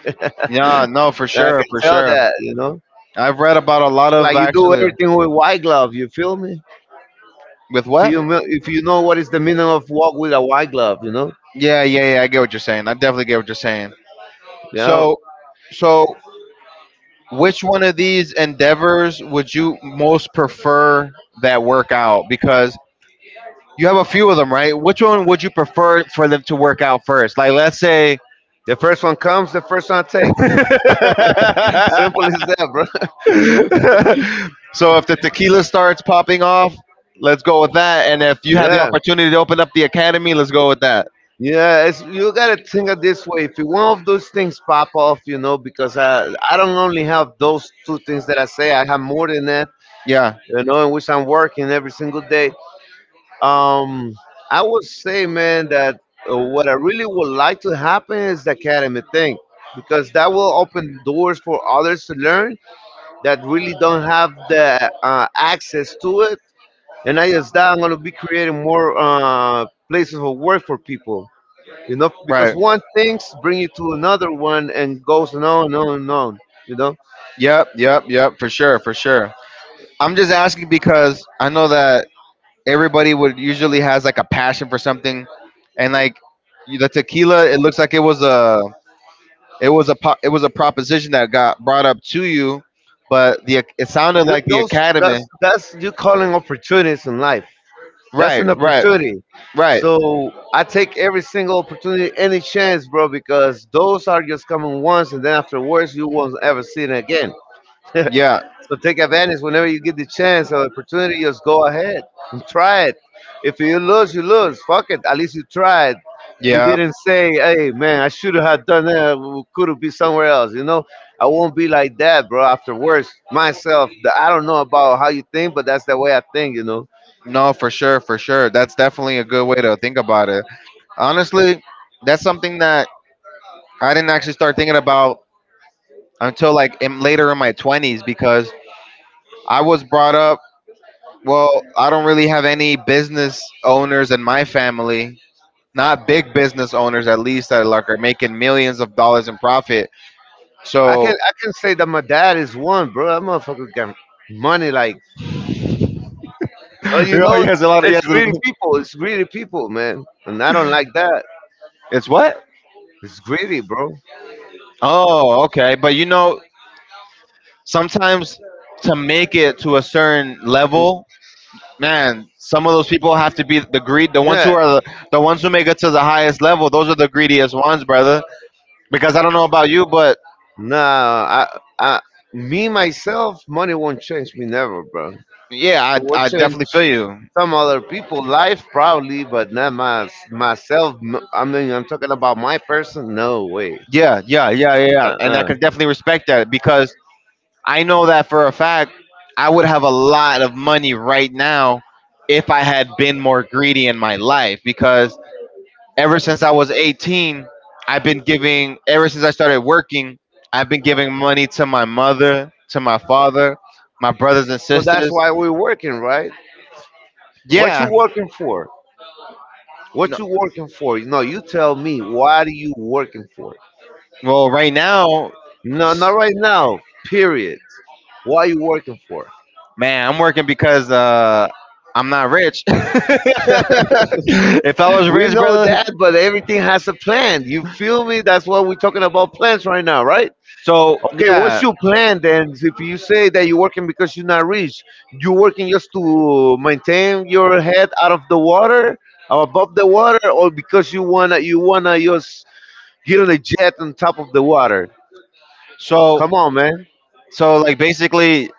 [SPEAKER 1] yeah. No, for sure,
[SPEAKER 2] can
[SPEAKER 1] for
[SPEAKER 2] tell
[SPEAKER 1] sure.
[SPEAKER 2] that.
[SPEAKER 1] I've read about a lot of
[SPEAKER 2] Like you do
[SPEAKER 1] actually.
[SPEAKER 2] everything with white glove. You feel me?
[SPEAKER 1] With
[SPEAKER 2] If
[SPEAKER 1] what?
[SPEAKER 2] you mil- if you know what is the meaning of walk with a white glove.
[SPEAKER 1] Yeah, yeah, yeah. I get what you're saying. I definitely get what you're saying.
[SPEAKER 2] Yeah.
[SPEAKER 1] So, so which one of these endeavors would you most prefer that work out? Because you have a few of them, right? Which one would you prefer for them to work out first? Like, let's say.
[SPEAKER 2] The first one comes, the first one I take. Simple as that, bro.
[SPEAKER 1] So if the tequila starts popping off, let's go with that. And if you have the
[SPEAKER 2] Yeah.
[SPEAKER 1] opportunity to open up the academy, let's go with that.
[SPEAKER 2] Yeah, you gotta think of this way. If one of those things pop off, because I don't only have those two things that I say. I have more than that,
[SPEAKER 1] Yeah,
[SPEAKER 2] you know, in which I'm working every single day. Um, I would say, man, that what I really would like to happen is the academy thing, because that will open doors for others to learn that really don't have the access to it. And not just that, I'm gonna be creating more places of work for people, because
[SPEAKER 1] right.
[SPEAKER 2] one things bring you to another one and goes on and on and on you know
[SPEAKER 1] Yep, yep, yep, for sure, for sure. I'm just asking because I know that everybody would usually has like a passion for something, and like the tequila, it looks like it was a it was a proposition that got brought up to you, but the it sounded
[SPEAKER 2] Th-
[SPEAKER 1] like the
[SPEAKER 2] those
[SPEAKER 1] academy.
[SPEAKER 2] that's you calling opportunities in life, that's
[SPEAKER 1] Right,
[SPEAKER 2] an
[SPEAKER 1] right,
[SPEAKER 2] opportunity,
[SPEAKER 1] right.
[SPEAKER 2] so I take every single opportunity any chance, bro, because those are just coming once and then afterwards you won't ever see it again.
[SPEAKER 1] Yeah,
[SPEAKER 2] So take advantage whenever you get the chance or opportunity. Just go ahead and try it. If you lose, you lose. Fuck it. At least you tried. You
[SPEAKER 1] yeah.
[SPEAKER 2] didn't say, "Hey, man, I should have done that. Could have been somewhere else." I won't be like that, bro. Afterwards, myself, I don't know about how you think, but that's the way I think. You know,
[SPEAKER 1] No, for sure, for sure. That's definitely a good way to think about it. Honestly, that's something that I didn't actually start thinking about until later in my 20s, because I was brought up, well, I don't really have any business owners in my family, not big business owners at least that like are making millions of dollars in profit.
[SPEAKER 2] I
[SPEAKER 1] So,
[SPEAKER 2] can I can say that my dad is one, bro. That motherfucker got money, like, but
[SPEAKER 1] oh, yes, a lot of
[SPEAKER 2] it's
[SPEAKER 1] yes.
[SPEAKER 2] greedy people. It's greedy people, man, and I don't like that.
[SPEAKER 1] It's what?
[SPEAKER 2] It's greedy, bro.
[SPEAKER 1] Oh, okay. But you know, sometimes to make it to a certain level, man, some of those people have to be the greed.
[SPEAKER 2] Yeah.
[SPEAKER 1] The ones who make it to the highest level, those are the greediest ones, brother. Because I don't know about you, but
[SPEAKER 2] Nah, I, I, me myself, money won't change me never, bro. It
[SPEAKER 1] yeah,
[SPEAKER 2] will
[SPEAKER 1] I
[SPEAKER 2] change
[SPEAKER 1] definitely feel you.
[SPEAKER 2] some other people' life probably, but not my myself. I mean, I'm talking about my person. No way.
[SPEAKER 1] Yeah, yeah, yeah, yeah, yeah. And I
[SPEAKER 2] Uh-uh.
[SPEAKER 1] can definitely respect that because I know that for a fact I would have a lot of money right now if I had been more greedy in my life, because ever since I was 18, I've been giving, ever since I started working, I've been giving money to my mother, to my father, my brothers and
[SPEAKER 2] So that's
[SPEAKER 1] sisters.
[SPEAKER 2] why we're working, right? What you
[SPEAKER 1] Yeah.
[SPEAKER 2] working for? What
[SPEAKER 1] No,
[SPEAKER 2] you working for? No, you tell me. Why do you working for?
[SPEAKER 1] well, right now,
[SPEAKER 2] No, not right now. Period. Why you working for?
[SPEAKER 1] man, I'm working because I'm not rich. If I was
[SPEAKER 2] We
[SPEAKER 1] rich,
[SPEAKER 2] know
[SPEAKER 1] brother.
[SPEAKER 2] that, but everything has a plan. You feel me? That's why we're talking about plans right now, right?
[SPEAKER 1] So,
[SPEAKER 2] Okay, what's
[SPEAKER 1] yeah.
[SPEAKER 2] your plan then? If you say that you're working because you're not rich, you're working just to maintain your head out of the water, or above the water, or because you wanna just get on a jet on top of the water.
[SPEAKER 1] So,
[SPEAKER 2] Come on, man.
[SPEAKER 1] so like basically,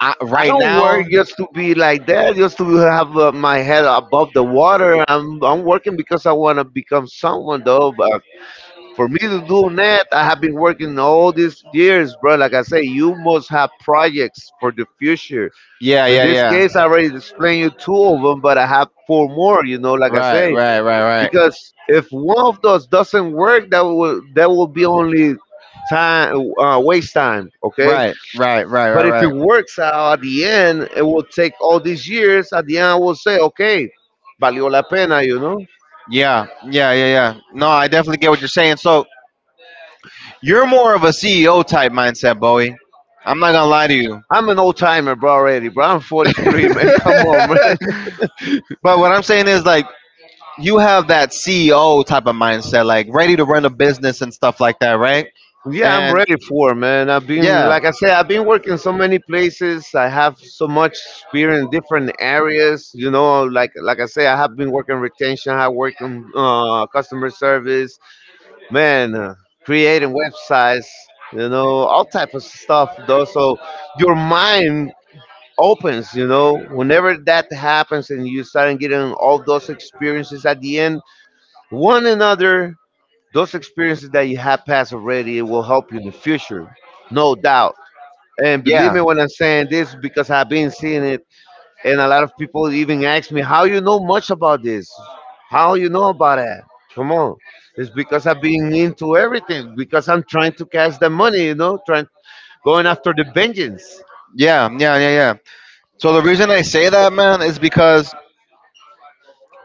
[SPEAKER 1] I,
[SPEAKER 2] I
[SPEAKER 1] right
[SPEAKER 2] don't work
[SPEAKER 1] now,
[SPEAKER 2] just to be like that, just to have my head above the water. I'm working because I want to become someone, though. A For me to do net, I have been working all these years, bro. Like I say, you must have projects for the future.
[SPEAKER 1] yeah,
[SPEAKER 2] In
[SPEAKER 1] yeah,
[SPEAKER 2] this
[SPEAKER 1] yeah.
[SPEAKER 2] case, I already explained you two of them, but I have four more. You know, like I
[SPEAKER 1] Right,
[SPEAKER 2] say,
[SPEAKER 1] right, right, right.
[SPEAKER 2] because if one of those doesn't work, that will be only time waste time. Okay,
[SPEAKER 1] Right, right, right,
[SPEAKER 2] but
[SPEAKER 1] right,
[SPEAKER 2] if
[SPEAKER 1] right,
[SPEAKER 2] it
[SPEAKER 1] right.
[SPEAKER 2] works out at the end, it will take all these years. At the end, I will say, okay, valió la pena. You know.
[SPEAKER 1] Yeah, yeah, yeah, yeah. No, I definitely get what you're saying. So you're more of a CEO type mindset, Bowie. I'm not gonna lie to you.
[SPEAKER 2] I'm an old timer, bro. Already, bro. I'm 43, man. Come on, man.
[SPEAKER 1] But what I'm saying is like you have that CEO type of mindset, like ready to run a business and stuff like that, right?
[SPEAKER 2] Yeah, I'm
[SPEAKER 1] And
[SPEAKER 2] ready for it, man.
[SPEAKER 1] yeah,
[SPEAKER 2] Like I said, I've been working so many places. I have so much experience in different areas. You know, like I say, I have been working retention. I work in customer service, man, creating websites. You know, all type of stuff. Though, so your mind opens. You know, whenever that happens, and you start getting all those experiences at the end, one another those experiences that you have passed already it will help you in the future, no doubt. And believe
[SPEAKER 1] yeah,
[SPEAKER 2] me when I'm saying this because I've been seeing it, and a lot of people even ask me how you know much about this, how you know about that. Come on, it's because I've been into everything because I'm trying to catch the money, trying going after the vengeance.
[SPEAKER 1] yeah, yeah, yeah, yeah. So the reason I say that, man, is because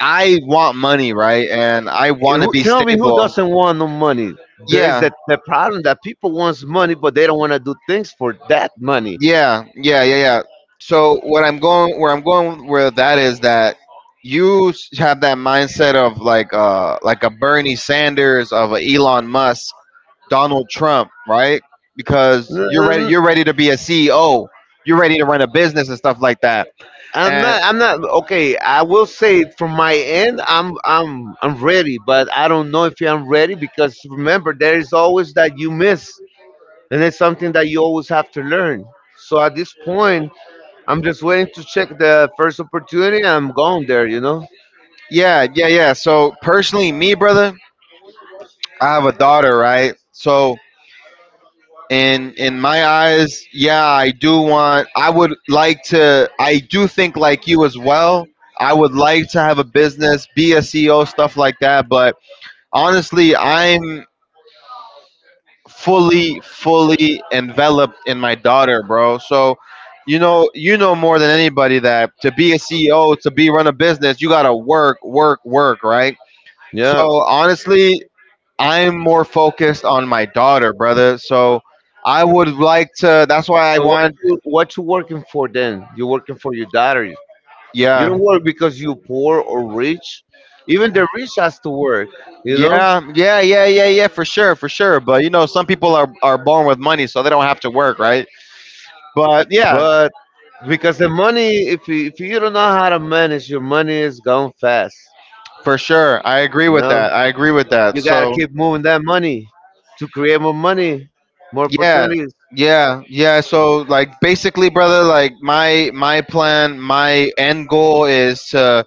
[SPEAKER 1] I want money, right? And I
[SPEAKER 2] And
[SPEAKER 1] want to
[SPEAKER 2] who,
[SPEAKER 1] be
[SPEAKER 2] tell me who
[SPEAKER 1] stable.
[SPEAKER 2] doesn't want no money? There's
[SPEAKER 1] Yeah,
[SPEAKER 2] that the problem that people wants money, but they don't want to do things for that money.
[SPEAKER 1] yeah, yeah, yeah, yeah. So what I'm going, where I'm going with that is that you have that mindset of like a Bernie Sanders, of a Elon Musk, Donald Trump, right? Because you're ready,
[SPEAKER 2] Mm,
[SPEAKER 1] you're ready to be a CEO, you're ready to run a business and stuff like that.
[SPEAKER 2] I'm
[SPEAKER 1] And
[SPEAKER 2] not. I'm not. Okay, I will say from my end, I'm ready, but I don't know if I'm ready because remember, there is always that you miss, and it's something that you always have to learn. So at this point, I'm just waiting to check the first opportunity. I'm going there. You know.
[SPEAKER 1] yeah, yeah, yeah. So personally, me, brother, I have a daughter, right? So in my eyes, yeah, I do want, I would like to, I do think like you as well. I would like to have a business, be a CEO, stuff like that, but honestly I'm fully enveloped in my daughter, bro. So you know, you know more than anybody that to be a CEO, to be run a business, you gotta work, work, work, right? So
[SPEAKER 2] Yeah.
[SPEAKER 1] honestly I'm more focused on my daughter, brother. So I would like to. That's why I
[SPEAKER 2] So what?
[SPEAKER 1] want.
[SPEAKER 2] What you working for then? You're working for your daughter. You
[SPEAKER 1] Yeah,
[SPEAKER 2] don't work because you poor or rich. Even the rich has to work. You know.
[SPEAKER 1] yeah, yeah, yeah, yeah, yeah. For sure, for sure. But you know, some people are born with money, so they don't have to work, right? But yeah,
[SPEAKER 2] Because the money, if you don't know how to manage your money, is gone fast.
[SPEAKER 1] for sure. I agree
[SPEAKER 2] You
[SPEAKER 1] with
[SPEAKER 2] know,
[SPEAKER 1] that. I agree with that.
[SPEAKER 2] you gotta
[SPEAKER 1] So
[SPEAKER 2] keep moving that money to create more money, more yeah,
[SPEAKER 1] yeah,
[SPEAKER 2] opportunities.
[SPEAKER 1] yeah, yeah. Basically, brother, like my plan, my end goal is to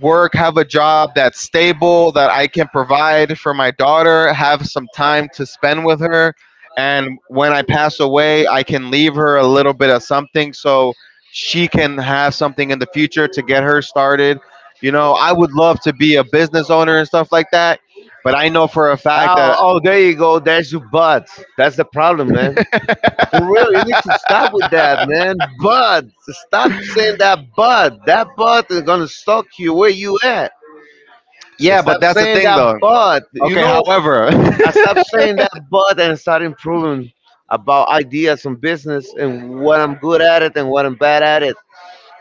[SPEAKER 1] work, have a job that's stable, that I can provide for my daughter, have some time to spend with her. And when I pass away, I can leave her a little bit of something so she can have something in the future to get her started. You know, I would love to be a business owner and stuff like that, but I know for a fact
[SPEAKER 2] Oh,
[SPEAKER 1] that,
[SPEAKER 2] oh, there you go. There's your butt. That's the problem, man. For real, you need to stop with that, man. But stop saying that but. That but is gonna stalk you where you at. And
[SPEAKER 1] yeah, but
[SPEAKER 2] stop
[SPEAKER 1] that's the
[SPEAKER 2] saying
[SPEAKER 1] thing
[SPEAKER 2] that
[SPEAKER 1] though.
[SPEAKER 2] but.
[SPEAKER 1] Okay, however,
[SPEAKER 2] I stopped saying that but and started improving about ideas on business and what I'm good at it and what I'm bad at it.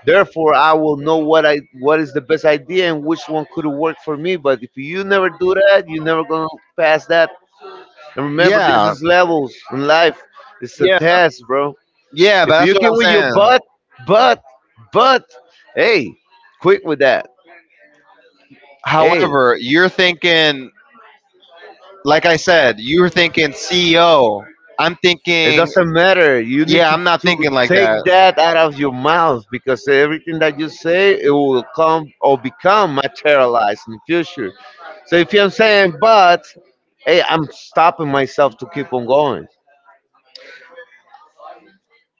[SPEAKER 2] Therefore, I will know what I what is the best idea and which one could work for me. But if you never do that, you're never gonna pass that. And remember, yeah, this
[SPEAKER 1] yeah,
[SPEAKER 2] is levels in life. It's a
[SPEAKER 1] yeah,
[SPEAKER 2] test, bro.
[SPEAKER 1] yeah, but
[SPEAKER 2] If
[SPEAKER 1] that's
[SPEAKER 2] you
[SPEAKER 1] what
[SPEAKER 2] can
[SPEAKER 1] I'm
[SPEAKER 2] with your
[SPEAKER 1] saying.
[SPEAKER 2] butt, but, but, hey, quick with that. Hey.
[SPEAKER 1] However, you're thinking, like I said, you're thinking CEO. I'm
[SPEAKER 2] It
[SPEAKER 1] thinking,
[SPEAKER 2] doesn't matter. You need
[SPEAKER 1] yeah, I'm not
[SPEAKER 2] to
[SPEAKER 1] thinking like
[SPEAKER 2] take
[SPEAKER 1] that.
[SPEAKER 2] that out of your mouth because everything that you say it will come or become materialized in the future. So if I'm saying but, hey, I'm stopping myself to keep on going.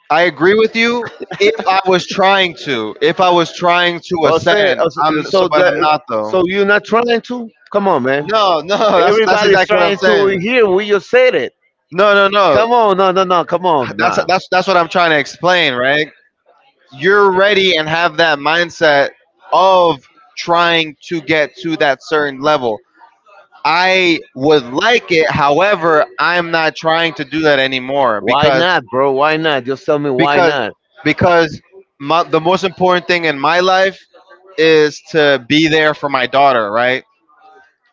[SPEAKER 1] I agree with you. If I was trying to, if I was trying to
[SPEAKER 2] Or say
[SPEAKER 1] ascend,
[SPEAKER 2] or
[SPEAKER 1] I'm so,
[SPEAKER 2] so
[SPEAKER 1] but I'm
[SPEAKER 2] that
[SPEAKER 1] not though.
[SPEAKER 2] so you're not trying to? Come on, man.
[SPEAKER 1] No, no, that's
[SPEAKER 2] Everybody's
[SPEAKER 1] exactly what I'm
[SPEAKER 2] trying to over
[SPEAKER 1] saying.
[SPEAKER 2] here. We just said it.
[SPEAKER 1] No, no, no.
[SPEAKER 2] Come on, no, no, no, come on,
[SPEAKER 1] That's
[SPEAKER 2] nah.
[SPEAKER 1] that's that's what I'm trying to explain, right? You're ready and have that mindset of trying to get to that certain level. I would like it, however, I'm not trying to do that anymore.
[SPEAKER 2] Why
[SPEAKER 1] because
[SPEAKER 2] not, bro? Why not? Just tell me why
[SPEAKER 1] because
[SPEAKER 2] not.
[SPEAKER 1] because my, the most important thing in my life is to be there for my daughter, right?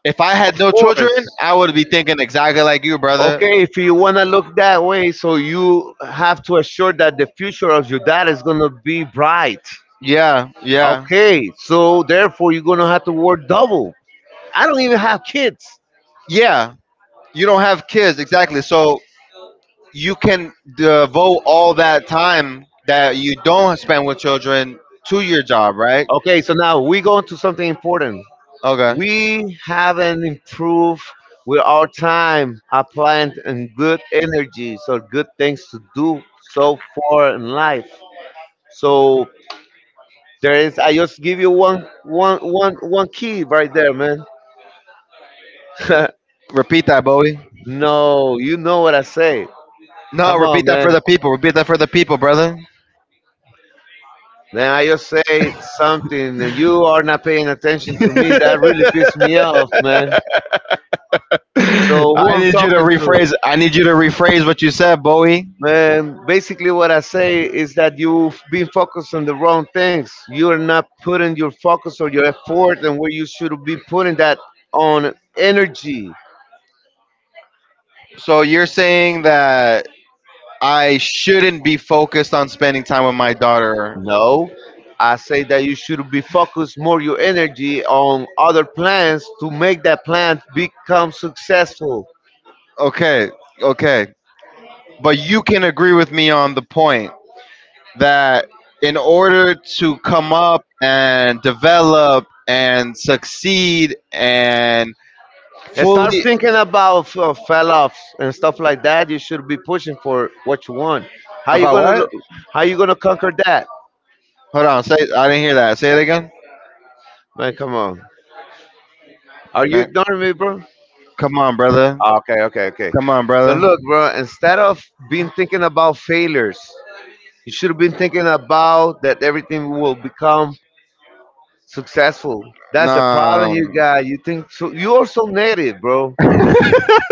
[SPEAKER 1] If I had
[SPEAKER 2] Of
[SPEAKER 1] no children,
[SPEAKER 2] course.
[SPEAKER 1] I would be thinking exactly like you, brother.
[SPEAKER 2] Okay, if you wanna look that way, so you have to assure that the future of your dad is gonna be bright.
[SPEAKER 1] Yeah, yeah,
[SPEAKER 2] Okay, so therefore you're gonna have to work double. I don't even have kids.
[SPEAKER 1] yeah. You don't have kids, exactly. So you can devote all that time that you don't spend with children to your job, right?
[SPEAKER 2] Okay, so now we go into something important.
[SPEAKER 1] Okay,
[SPEAKER 2] We haven't improved with our time, our plant, and good energies or good things to do so far in life. So there is. I just give you one key right there, man.
[SPEAKER 1] repeat that, Bowie.
[SPEAKER 2] No, you know what I say.
[SPEAKER 1] No,
[SPEAKER 2] Come on,
[SPEAKER 1] repeat that
[SPEAKER 2] man.
[SPEAKER 1] for the people, repeat that for the people, brother.
[SPEAKER 2] Man, I just say something and you are not paying attention to me. That really pissed me off, man. So who
[SPEAKER 1] I
[SPEAKER 2] I'm
[SPEAKER 1] need you to
[SPEAKER 2] talking to?
[SPEAKER 1] rephrase, I need you to rephrase what you said, Bowie.
[SPEAKER 2] Man, basically, what I say is that you've been focused on the wrong things. You are not putting your focus or your effort and where you should be putting that on energy.
[SPEAKER 1] So you're saying that I shouldn't be focused on spending time with my daughter.
[SPEAKER 2] No, I say that you should be focused more your energy on other plans to make that plan become successful.
[SPEAKER 1] Okay, okay. But you can agree with me on the point that in order to come up and develop and succeed and
[SPEAKER 2] And start
[SPEAKER 1] fully
[SPEAKER 2] thinking about fell-offs and stuff like that. You should be pushing for what you want. How you
[SPEAKER 1] about
[SPEAKER 2] gonna
[SPEAKER 1] what?
[SPEAKER 2] lo- how you gonna conquer that?
[SPEAKER 1] Hold on, say I didn't hear that. Say it again.
[SPEAKER 2] Man, come on. Are you
[SPEAKER 1] Man,
[SPEAKER 2] ignoring me, bro?
[SPEAKER 1] come on, brother.
[SPEAKER 2] Okay.
[SPEAKER 1] Come on,
[SPEAKER 2] So
[SPEAKER 1] brother.
[SPEAKER 2] look, bro, instead of being thinking about failures, you should have been thinking about that everything will become successful. That's the
[SPEAKER 1] Nah.
[SPEAKER 2] problem you got. You think so, you're so negative, bro.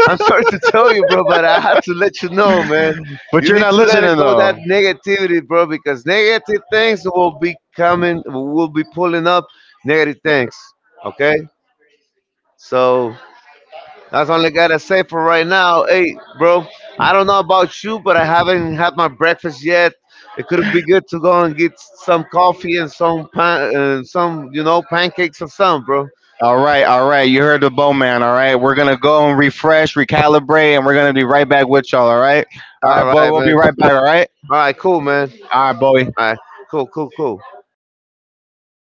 [SPEAKER 2] I'm sorry to tell you, bro, but I had to let you know, man.
[SPEAKER 1] But
[SPEAKER 2] You
[SPEAKER 1] you're
[SPEAKER 2] need
[SPEAKER 1] not
[SPEAKER 2] to let it
[SPEAKER 1] listening
[SPEAKER 2] go that
[SPEAKER 1] though.
[SPEAKER 2] negativity, bro, because negative things will be coming, will be pulling up negative things. Okay, so that's all I gotta say for right now. Hey, bro, I don't know about you, but I haven't had my breakfast yet. It could be good to go and get some coffee and some pan and some, pancakes or something, bro.
[SPEAKER 1] All right, all right. You heard the bowman. All right, we're gonna go and refresh, recalibrate, and we're gonna be right back with y'all. All
[SPEAKER 2] All
[SPEAKER 1] right, boy.
[SPEAKER 2] right,
[SPEAKER 1] We'll be
[SPEAKER 2] man.
[SPEAKER 1] right back.
[SPEAKER 2] All right, cool, man. All
[SPEAKER 1] All right, Bowie.
[SPEAKER 2] right, cool.